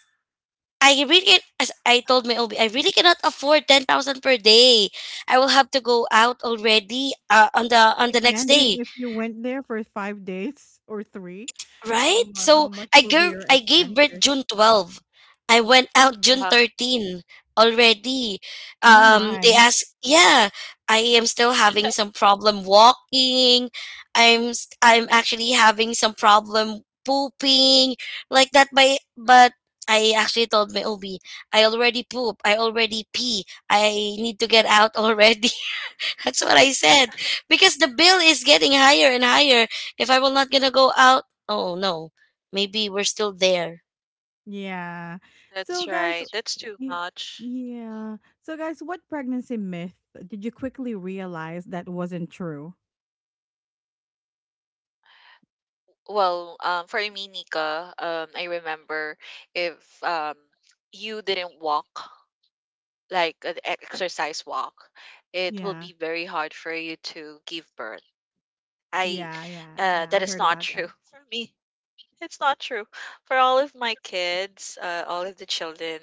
S2: I really as I told my OB, I really cannot afford 10,000 per day. I will have to go out already on the
S1: I-
S2: next
S1: Imagine
S2: day.
S1: if you went there for 5 days or three. Oh
S2: Right?
S1: my, how
S2: So
S1: much will be your
S2: I gave birth
S1: expenses?
S2: June 12. I went out June
S3: Uh-huh.
S2: 13 already.
S1: Oh
S2: They
S1: my.
S2: asked, yeah, I am still having some problem walking. I'm actually having some problem pooping like that by but I actually told my OB, I already poop, I already pee. I need to get out already. That's what I said because the bill is getting higher and higher if I will not going to go out. Oh no, maybe we're still there.
S1: Yeah. So
S3: That's
S1: guys,
S3: right. That's too
S1: y-
S3: much.
S1: yeah. So guys, what pregnancy myth did you quickly realize that wasn't true?
S3: Well, for me, Nika, I remember, if you didn't walk, like an exercise walk, it will
S1: Yeah.
S3: be very hard for you to give birth. I,
S1: Yeah, yeah, yeah,
S3: that
S1: I
S3: is
S1: heard
S3: not
S1: about
S3: true
S1: that.
S3: for me. It's not true for all of my kids, all of the children.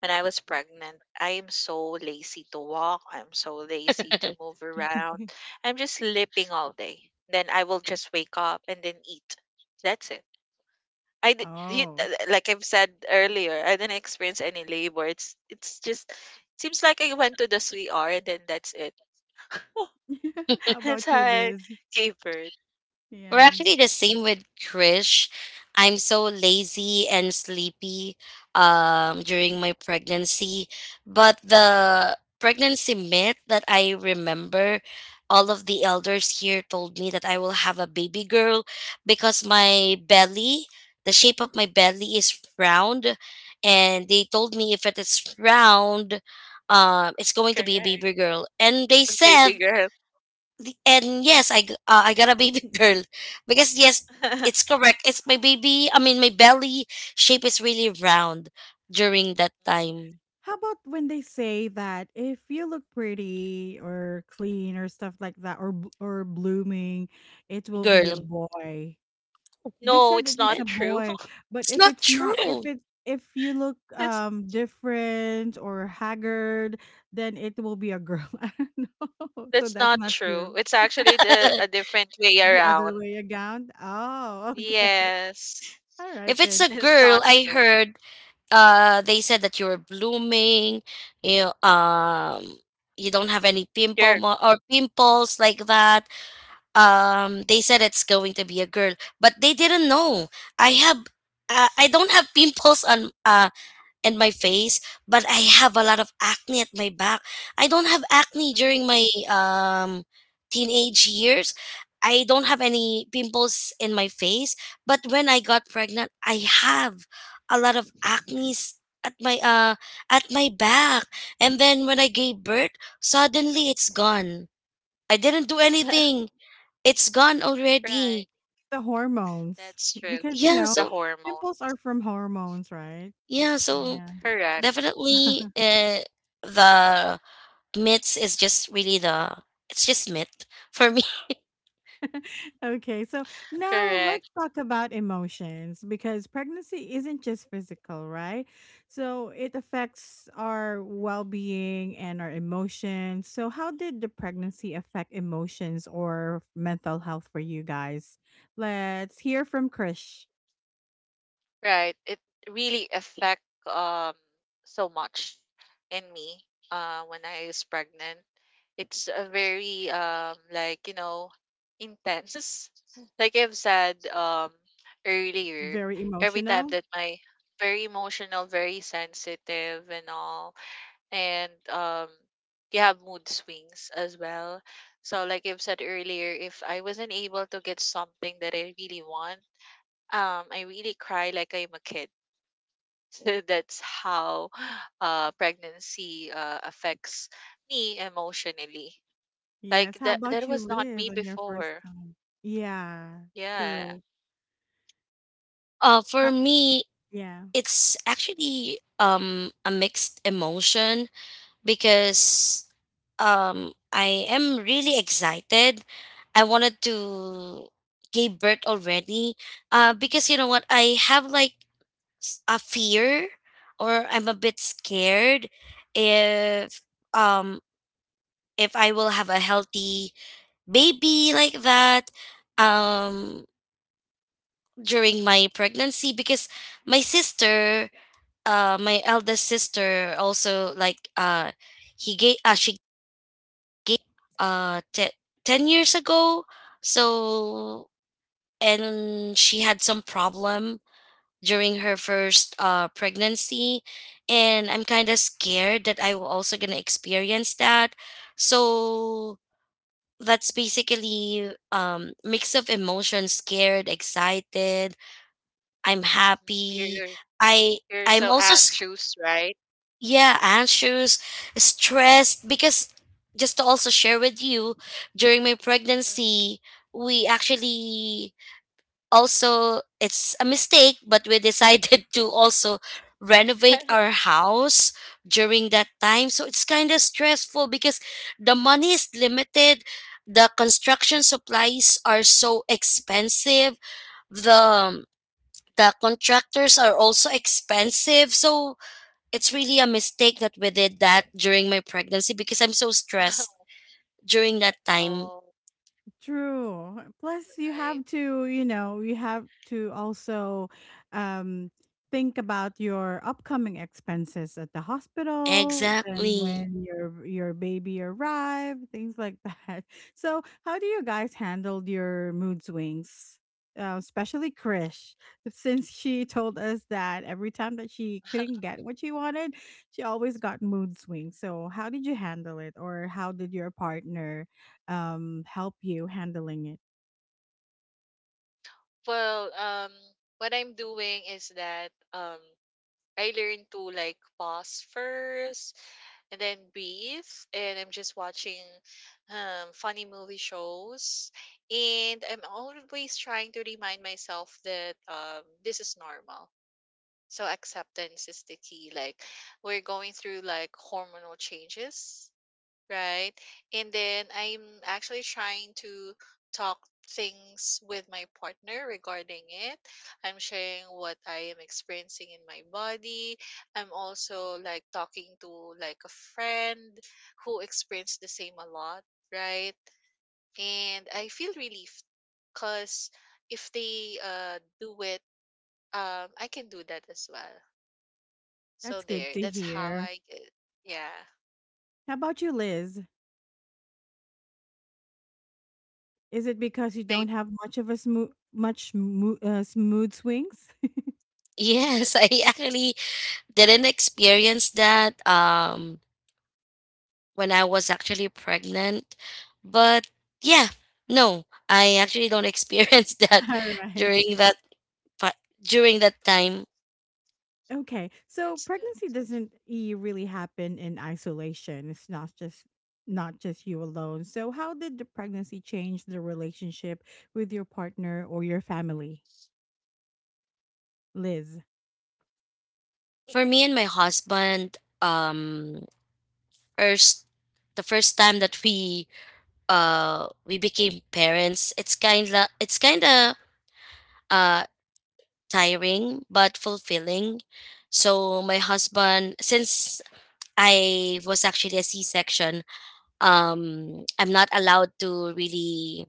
S3: When I was pregnant, I am so lazy to walk. I'm so lazy to move around. I'm just sleeping all day. Then I will just wake up and then eat. That's it. I did, you,
S1: Oh.
S3: like I've said earlier, I didn't experience any labor. It's just seems like I went to the CR, and then that's it.
S1: How
S3: That's
S1: about
S3: how
S1: you,
S3: I
S1: Liz?
S3: gave birth.
S2: We're
S1: Yeah.
S2: actually the same with Krish. I'm so lazy and sleepy during my pregnancy. But the pregnancy myth that I remember, all of the elders here told me that I will have a baby girl because my belly, the shape of my belly is round. And they told me if it is round, it's going to be a
S3: Correct,
S2: baby girl. And they said
S3: baby girl.
S2: and yes, I got a baby girl because yes, it's correct. It's my baby. I mean, my belly shape is really round during that time,
S1: How about when they say that if you look pretty or clean or stuff like that or or blooming, it will be a
S2: girl.
S1: boy. They
S3: No,
S1: said
S3: it's
S1: it is
S3: not
S1: a
S3: true.
S1: boy, but
S2: It's
S1: if
S2: not
S1: it's not,
S2: true.
S1: if you look
S3: That's
S1: different or haggard, then it will be a girl. I don't know. So
S3: that's
S1: that's
S3: not
S1: not
S3: true.
S1: true.
S3: It's actually the, a different way
S1: The other
S3: around.
S1: way around. Oh, okay.
S3: Yes,
S1: All right
S2: If it's
S1: then.
S2: a
S3: it's
S2: girl,
S3: not
S2: I
S3: true.
S2: heard they said that you were blooming, you you don't have any
S3: You're...
S2: or pimples like that. They said it's going to be a girl, but they didn't know. I have I don't have pimples on and my face, but I have a lot of acne at my back. I don't have acne
S3: Mhm.
S2: during my teenage years. I don't have any pimples in my face, but when I got pregnant, I have a lot of acne at my back. And then when I gave birth, suddenly it's gone. I didn't do anything. It's gone
S3: Right.
S2: already.
S1: The hormones,
S3: That's true.
S1: because
S2: Yeah,
S3: The
S2: so
S3: hormone.
S1: pimples are from hormones, right?
S2: yeah, so
S1: Yeah.
S3: Correct.
S2: definitely the myths is just really, the it's just myth for me.
S1: Okay, so now
S3: Correct.
S1: let's talk about emotions, because pregnancy isn't just physical, right? So it affects our well being and our emotions. So how did the pregnancy affect emotions or mental health for you guys? Let's hear from Krish.
S3: Right. It really affect, um so much in me, when I was pregnant. It's a very, like, you know, intense. Like I've said earlier,
S1: Very
S3: every time
S1: emotional.
S3: that my... very emotional, very sensitive and all, and you have mood swings as well. So like I've said earlier, if I wasn't able to get something that I really want, I really cry like I'm a kid. That's how pregnancy affects me emotionally. Like
S1: Yes. How
S3: that. That
S1: about you,
S3: was not me
S1: Liz, on your first
S3: before.
S1: time? Yeah,
S3: Yeah.
S1: true.
S2: For
S1: How-
S2: me,
S1: yeah.
S2: it's actually a mixed emotion because I am really excited. I wanted to give birth already. Because you know what, I have like a fear, or I'm a bit scared if um I will have a healthy baby like that. Um During my pregnancy because my sister, my eldest sister, also like he gave she gave uh te- 10 years ago. So and she had some problem during her first pregnancy, and I'm kind of scared that I will also gonna experience that. So that's basically mix of emotions, scared, excited, I'm
S3: Mhm. You're,
S2: happy.
S3: you're
S2: I
S3: you're
S2: I'm
S3: so
S2: also
S3: anxious, right?
S2: yeah, anxious, stressed because, just to also share with you, during my pregnancy, we actually, also it's a mistake, but we decided to also renovate our
S3: Mhm.
S2: house during that time, so it's kind of stressful because the money is limited, the construction supplies are so expensive, the contractors are also expensive. So it's really a mistake that we did that during my pregnancy because I'm so stressed during that time.
S3: All
S1: True. Plus, you
S3: right.
S1: have to, you know, you have to also um, think about your upcoming expenses at the hospital, then
S2: Exactly.
S1: when your baby arrived, things like that. So how do you guys handle your mood swings? Especially Krish, since she told us that every time that she couldn't get what she wanted, she always got mood swings. So how did you handle it, or how did your partner help you handling it?
S3: Well, what I'm doing is that, I learned to like pause first, and then breathe, and I'm just watching funny movie shows, and I'm always trying to remind myself that this is normal. So acceptance is the key. Like, we're going through like hormonal changes. Right. And then I'm actually trying to talk things with my partner regarding it. I'm sharing what I am experiencing in my body. I'm also like talking to like a friend who experienced the same a lot, right? And I feel relieved, because if they do it, I can do that as well. So
S1: That's good
S3: there,
S1: to
S3: that's how
S1: hear.
S3: I get. Yeah.
S1: How about you, Liz? Is it because you
S3: Maybe.
S1: don't have much of a smooth, much mo- s- mood swings?
S2: Yes, I actually didn't experience that when I was actually pregnant. But yeah, no, I actually don't experience that
S1: All right.
S2: during that but during that time.
S1: Okay. So
S3: That's good.
S1: pregnancy doesn't really happen in isolation. It's not just, you alone. So how did the pregnancy change the relationship with your partner or your family, Liz?
S2: For me and my husband, first the first time that we became parents, it's kind of uh tiring but fulfilling. So my husband, since I was actually a c-section, I'm not allowed to really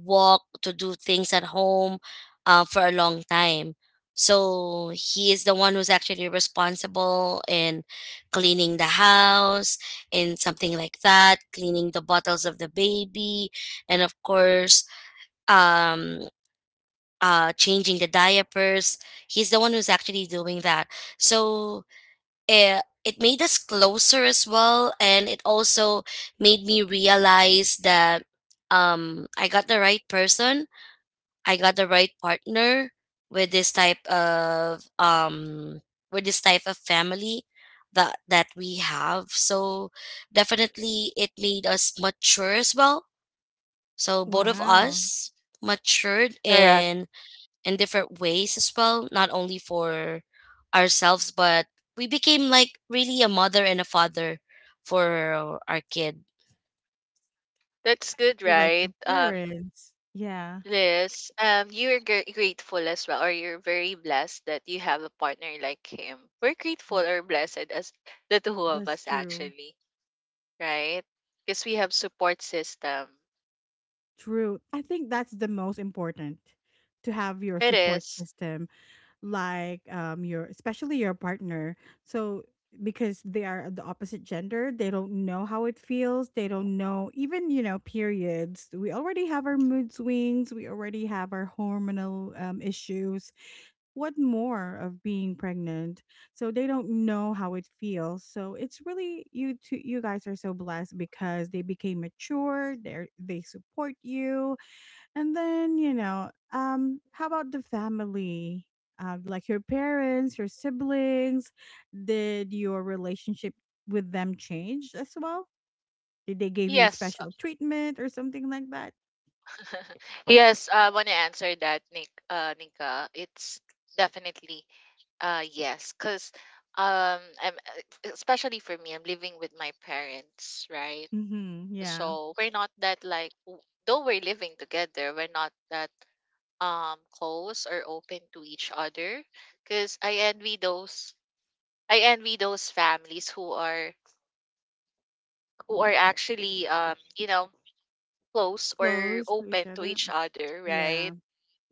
S2: walk to do things at home for a long time, so he is the one who's actually responsible in cleaning the house and something like that, cleaning the bottles of the baby, and of course, um changing the diapers. He's the one who's actually doing that, so it made us closer as well, and it also made me realize that I got the right person, I got the right partner with this type of family that we have. So definitely it made us mature as well, so both of
S1: Wow.
S2: us matured
S3: Correct.
S2: in different ways as well, not only for ourselves, but we became like really a mother and a father for our kid.
S3: That's good,
S1: They like your
S3: right?
S1: parents. Yeah,
S3: Liz, you're grateful as well, or you're very blessed that you have a partner like him. We're grateful or blessed as the two of
S1: that's
S3: us,
S1: true.
S3: actually, right? Because we have support system.
S1: True. I think that's the most important, to have your
S3: It
S1: support
S3: is.
S1: system, like your, especially your partner. So because they are the opposite gender, they don't know how it feels. They don't know, even periods. We already have our mood swings. We already have our hormonal issues. What more of being pregnant? So they don't know how it feels. So it's really you two. You guys are so blessed because they became mature. They support you. And then, how about the family? Like your parents, your siblings, did your relationship with them change as well? Did they give you
S3: Yes.
S1: special treatment or something like that?
S3: Yes, I want to answer that, Nika. It's definitely, yes, because, um, I'm, especially for me, I'm living with my parents, right?
S1: Mm-hmm. Yeah.
S3: So we're not that like, though we're living together, we're not that close or open to each other. Cause I envy those families who are actually, close or
S1: Close to
S3: open
S1: each
S3: to
S1: other.
S3: each other, right?
S1: Yeah.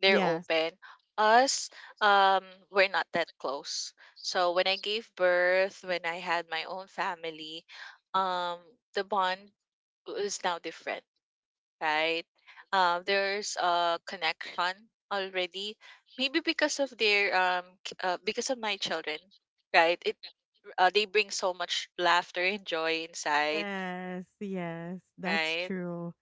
S3: They're
S1: Yes.
S3: open. Us, um, we're not that close. So when I gave birth, when I had my own family, um, the bond is now different, right? There's a connection already. Maybe because of their, because of my children, right? It they bring so much laughter and joy inside,
S1: Yes. Yes. That's
S3: right?
S1: true.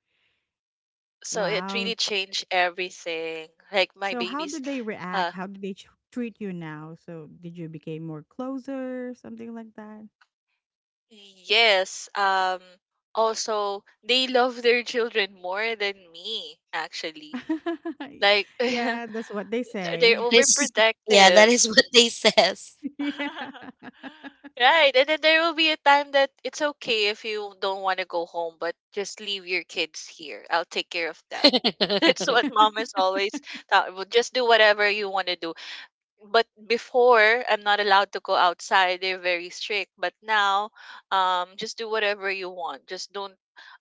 S3: So it
S1: Wow.
S3: really changed everything. Like my
S1: So how
S3: babies.
S1: did they
S3: uh,
S1: react? How did they treat you now? So did you become more closer, something like that?
S3: yes, also they love their children more than me, actually. Like, they're
S1: Yeah, that's what they say.
S2: That is, yeah, that
S3: overprotective.
S2: is what they says.
S1: Yeah.
S3: Right. And then there will be a time that it's okay if you don't want to go home, but just leave your kids here. I'll take care of them. That's
S2: Yeah,
S3: what mom is always thought. "Well, just do whatever you want to do. But before, I'm not allowed to go outside. They're very strict. But now, just do whatever you want. Just don't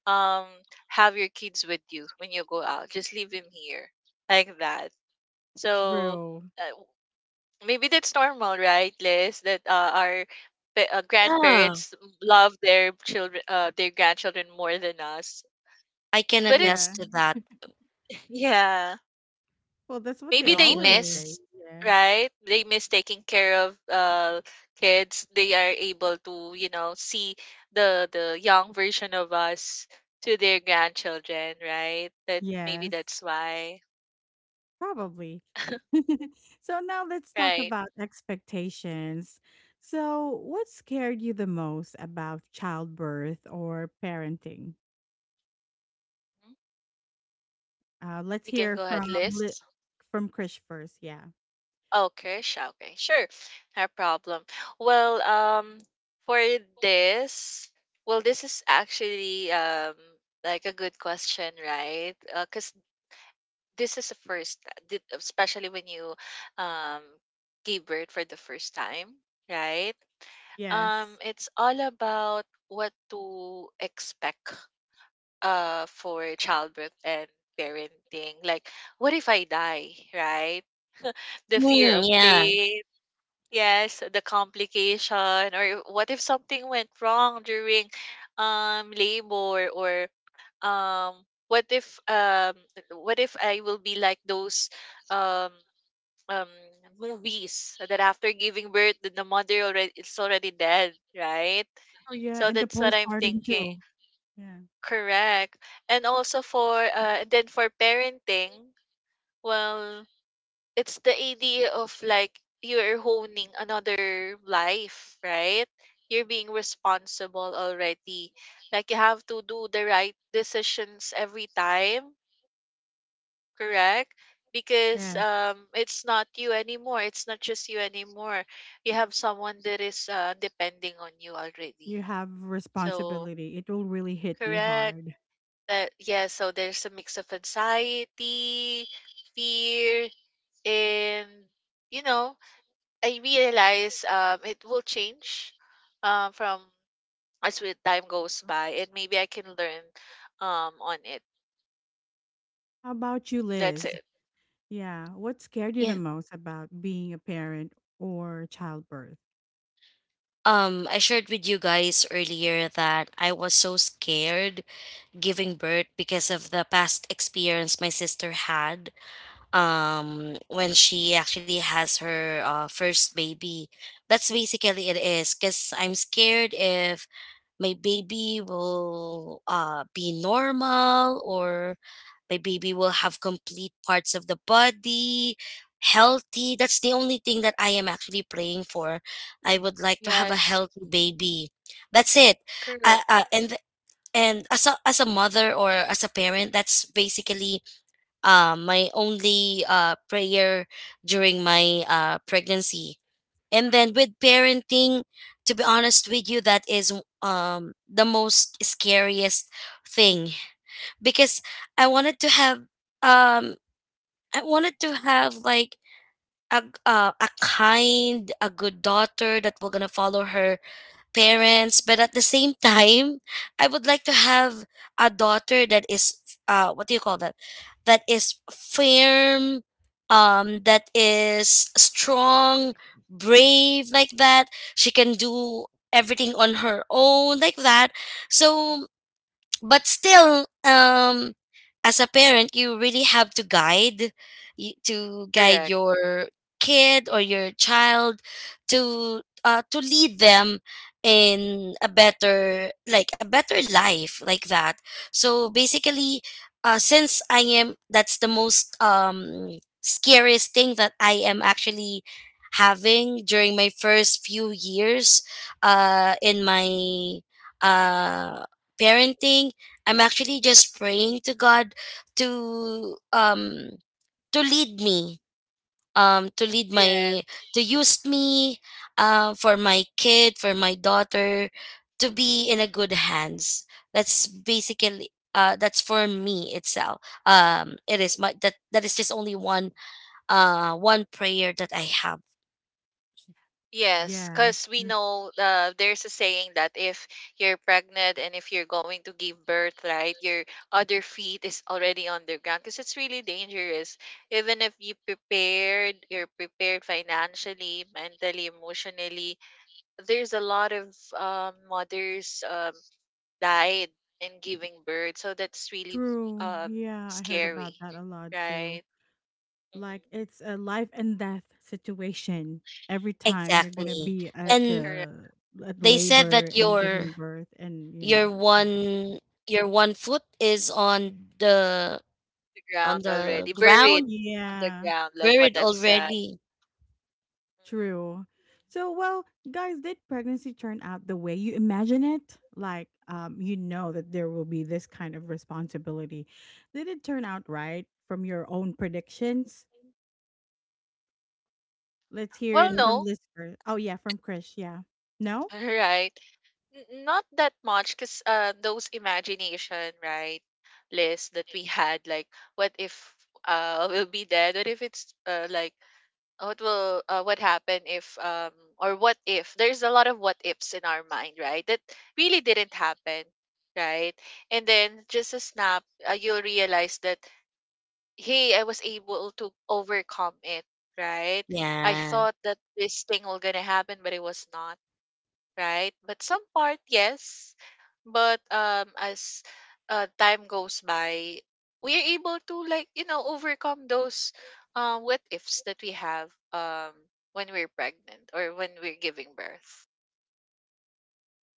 S3: um have your kids with you when you go out. Just leave them here, like that. So,
S1: True.
S3: uh, maybe that's normal, right, Liz? That, our grandparents love their children, their grandchildren more than us.
S2: I can
S3: But it,
S1: Yeah.
S2: attest to that.
S3: yeah,
S1: Well, that's what they
S3: maybe
S2: I
S3: they
S2: can
S1: always
S2: really,
S1: say.
S3: miss,
S1: Yeah.
S3: right? They miss taking care of kids. They are able to, you know, see the young version of us to their grandchildren, right? That maybe
S1: Yes,
S3: that's why.
S1: probably. So now let's talk
S3: Right?
S1: about expectations. So what scared you the most about childbirth or parenting?
S3: Mhm.
S1: Let's
S3: We can
S1: hear
S3: go ahead,
S1: from
S3: Liz.
S1: from Krish first. Yeah.
S3: Oh, Kershaw. Okay, sure. No problem. Well, for this, well, this is actually like a good question, right? Because this is the first, especially when you um give birth for the first time, right?
S1: Yes.
S3: It's all about what to expect for childbirth and parenting. Like, what if I die, right? The fear
S2: mm,
S3: of
S2: yeah,
S3: pain. Yes, the complication, or what if something went wrong during labor, or um what if um what if I will be like those, um um movies, that after giving birth the mother already, it's already dead, right?
S1: Oh yeah,
S3: So
S1: and the
S3: that's what I'm
S1: postpartum
S3: thinking.
S1: too. Yeah.
S3: Correct. And also for, and then for parenting, well, it's the idea of like you're honing another life, right? You're being responsible already. Like you have to do the right decisions every time, correct? Because,
S1: Yes.
S3: it's not you anymore. It's not just you anymore. You have someone that is, depending on you already.
S1: You have
S3: So,
S1: responsibility. It will really hit you
S3: correct.
S1: hard.
S3: That, yeah, so there's a mix of anxiety, fear, and, you know, I realize, it will change, from... as with time goes by, and maybe I can learn, on it.
S1: How about you,
S3: That's
S1: Liz?
S3: it.
S1: Yeah. What scared you the
S2: yeah.
S1: most about being a parent or childbirth?
S2: I shared with you guys earlier that I was so scared giving birth because of the past experience my sister had, when she actually has her first baby. That's basically it, is because I'm scared if my baby will be normal, or my baby will have complete parts of the body, healthy. That's the only thing that I am actually praying for. I would like to have a
S3: Yes,
S2: healthy baby, that's it. uh,
S3: correct,
S2: uh, and and as a mother or as a parent, that's basically my only prayer during my pregnancy. And then with parenting, to be honest with you, that is the most scariest thing because I wanted to have um, I wanted to have, like, a kind, a good daughter that will gonna follow her parents, but at the same time, I would like to have a daughter that is what do you call that? That is firm, that is strong, brave like that. She can do everything on her own like that. So but still as a parent, you really have to guide to guide
S3: correct.
S2: your kid or your child, to lead them in a better, like a better life like that. So basically, since I am that's the most scariest thing that I am actually having during my first few years in my uh parenting. I'm actually just praying to God to lead me, um to lead
S3: Yeah,
S2: my to use me for my kid, for my daughter, to be in a good hands. That's basically that's for me itself. It is my, that is just only one prayer that I have.
S3: yes,
S1: Yes.
S3: because we know, there's a saying that if you're pregnant and if you're going to give birth, right, your other feet is already on the ground, because it's really dangerous. Even if you prepared, you're prepared financially, mentally, emotionally, there's a lot of, mothers, died in giving birth, so that's really,
S1: True.
S3: um,
S1: Yeah, I heard
S3: scary,
S1: about that a lot too.
S3: right?
S1: Like
S3: Hmm.
S1: it's a life and death situation every time you're going to
S2: Exactly.
S1: be at
S3: That's
S2: And
S3: correct.
S1: the at
S2: they said
S1: labor
S2: that
S1: and giving birth. And
S2: Your one your one foot is on the
S3: The
S2: on
S3: ground
S2: the
S3: already buried,
S2: ground,
S3: on the
S1: yeah.
S3: ground, like what
S2: buried
S3: I've said.
S2: already.
S3: Mhm.
S1: True. So, well, guys, did pregnancy turn out the way you imagine it? Like, you know that there will be this kind of responsibility. Did it turn out right from your own predictions? Let's hear
S3: Well,
S1: it
S2: Mm,
S1: from
S3: no,
S1: listener. Oh yeah, from Chris. Yeah. No.
S3: right? Not that much, cause, those imagination, right, lists that we had, like, what if we'll be dead? What if it's, like, what will, what happen if, or what if... there's a lot of what ifs in our mind, right, that really didn't happen, right? And then, just a snap, you'll realize that, hey, I was able to overcome it, right? I
S2: yeah.
S3: thought that this thing was gonna happen, but it was not, right? But some part, yes. But, as, time goes by, we are able to, like, overcome those, what ifs that we have, when we're pregnant or when we're giving birth,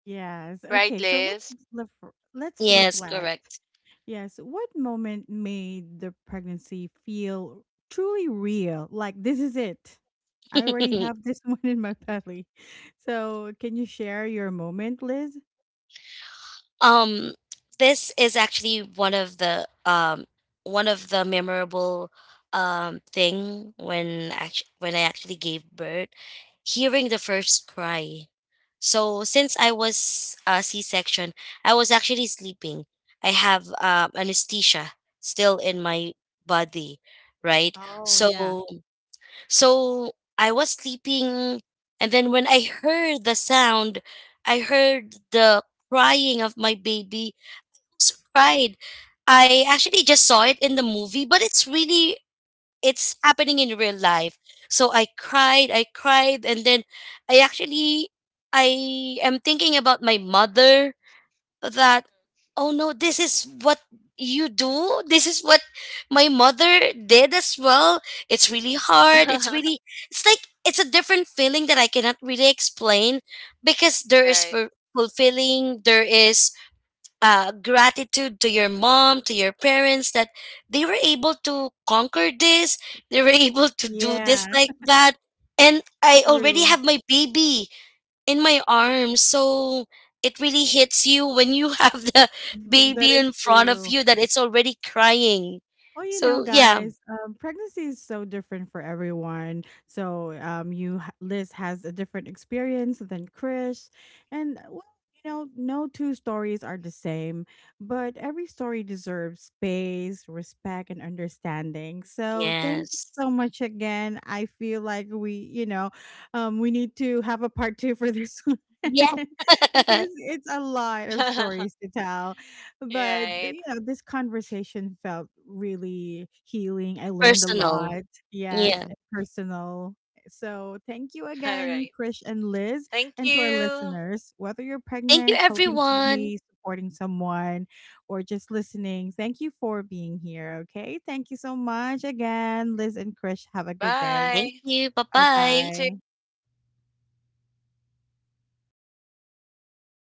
S1: Yes.
S3: right,
S1: Okay. So let's
S3: Liz?
S1: let's
S2: Yes,
S1: reflect.
S2: correct.
S1: Yes. What moment made the pregnancy feel truly real? Like, this is it. I already have this one in my belly. So can you share your moment, Liz?
S2: Um, this is actually one of the memorable thing when when I actually gave birth, hearing the first cry. So since I was C-section, I was actually sleeping. I have anesthesia still in my body, right?
S1: Oh,
S2: So
S1: yeah.
S2: so I was sleeping, and then when I heard the sound, I heard the crying of my baby. So cried. I actually just saw it in the movie, but it's happening in real life. So I cried, and then I actually I am thinking about my mother, that oh no, this is what you do, this is what my mother did as well. It's really hard,
S3: Mhm.
S2: it's really, it's like it's a different feeling that I cannot really explain because there is
S3: Right.
S2: fulfilling, there is gratitude to your mom, to your parents, that they were able to conquer this, they were able to do this
S1: Yeah.
S2: like that, and I already
S1: True.
S2: have my baby in my arms. So it really hits you when you have the
S1: That
S2: baby
S1: is
S2: in front of
S1: true.
S2: you that it's already crying.
S1: Well,
S2: So yeah.
S1: guys, pregnancy is so different for everyone. So, Liz has a different experience than Chris, and well, no two stories are the same. But every story deserves space, respect, and understanding. So thank you
S2: Yes.
S1: so much again. I feel like we need to have a part two for this one
S2: Yeah.
S1: because it's a lot of stories to tell. But,
S3: Right.
S1: this conversation felt really healing. I learned a
S2: Personal.
S1: lot. Yes,
S2: Yeah.
S1: and personal. So thank you
S3: All
S1: again,
S3: right.
S1: Krish and Liz,
S3: Thank
S1: and to our
S3: you.
S1: listeners, whether you're
S2: Thank you,
S1: pregnant, hoping to
S2: everyone.
S1: be, supporting someone, or just listening, thank you for being here. Okay. Thank you so much again, Liz and Krish. Have a good day.
S2: Thank
S3: Bye.
S2: you.
S1: Bye
S3: You
S2: Bye-bye.
S3: too.
S1: bye.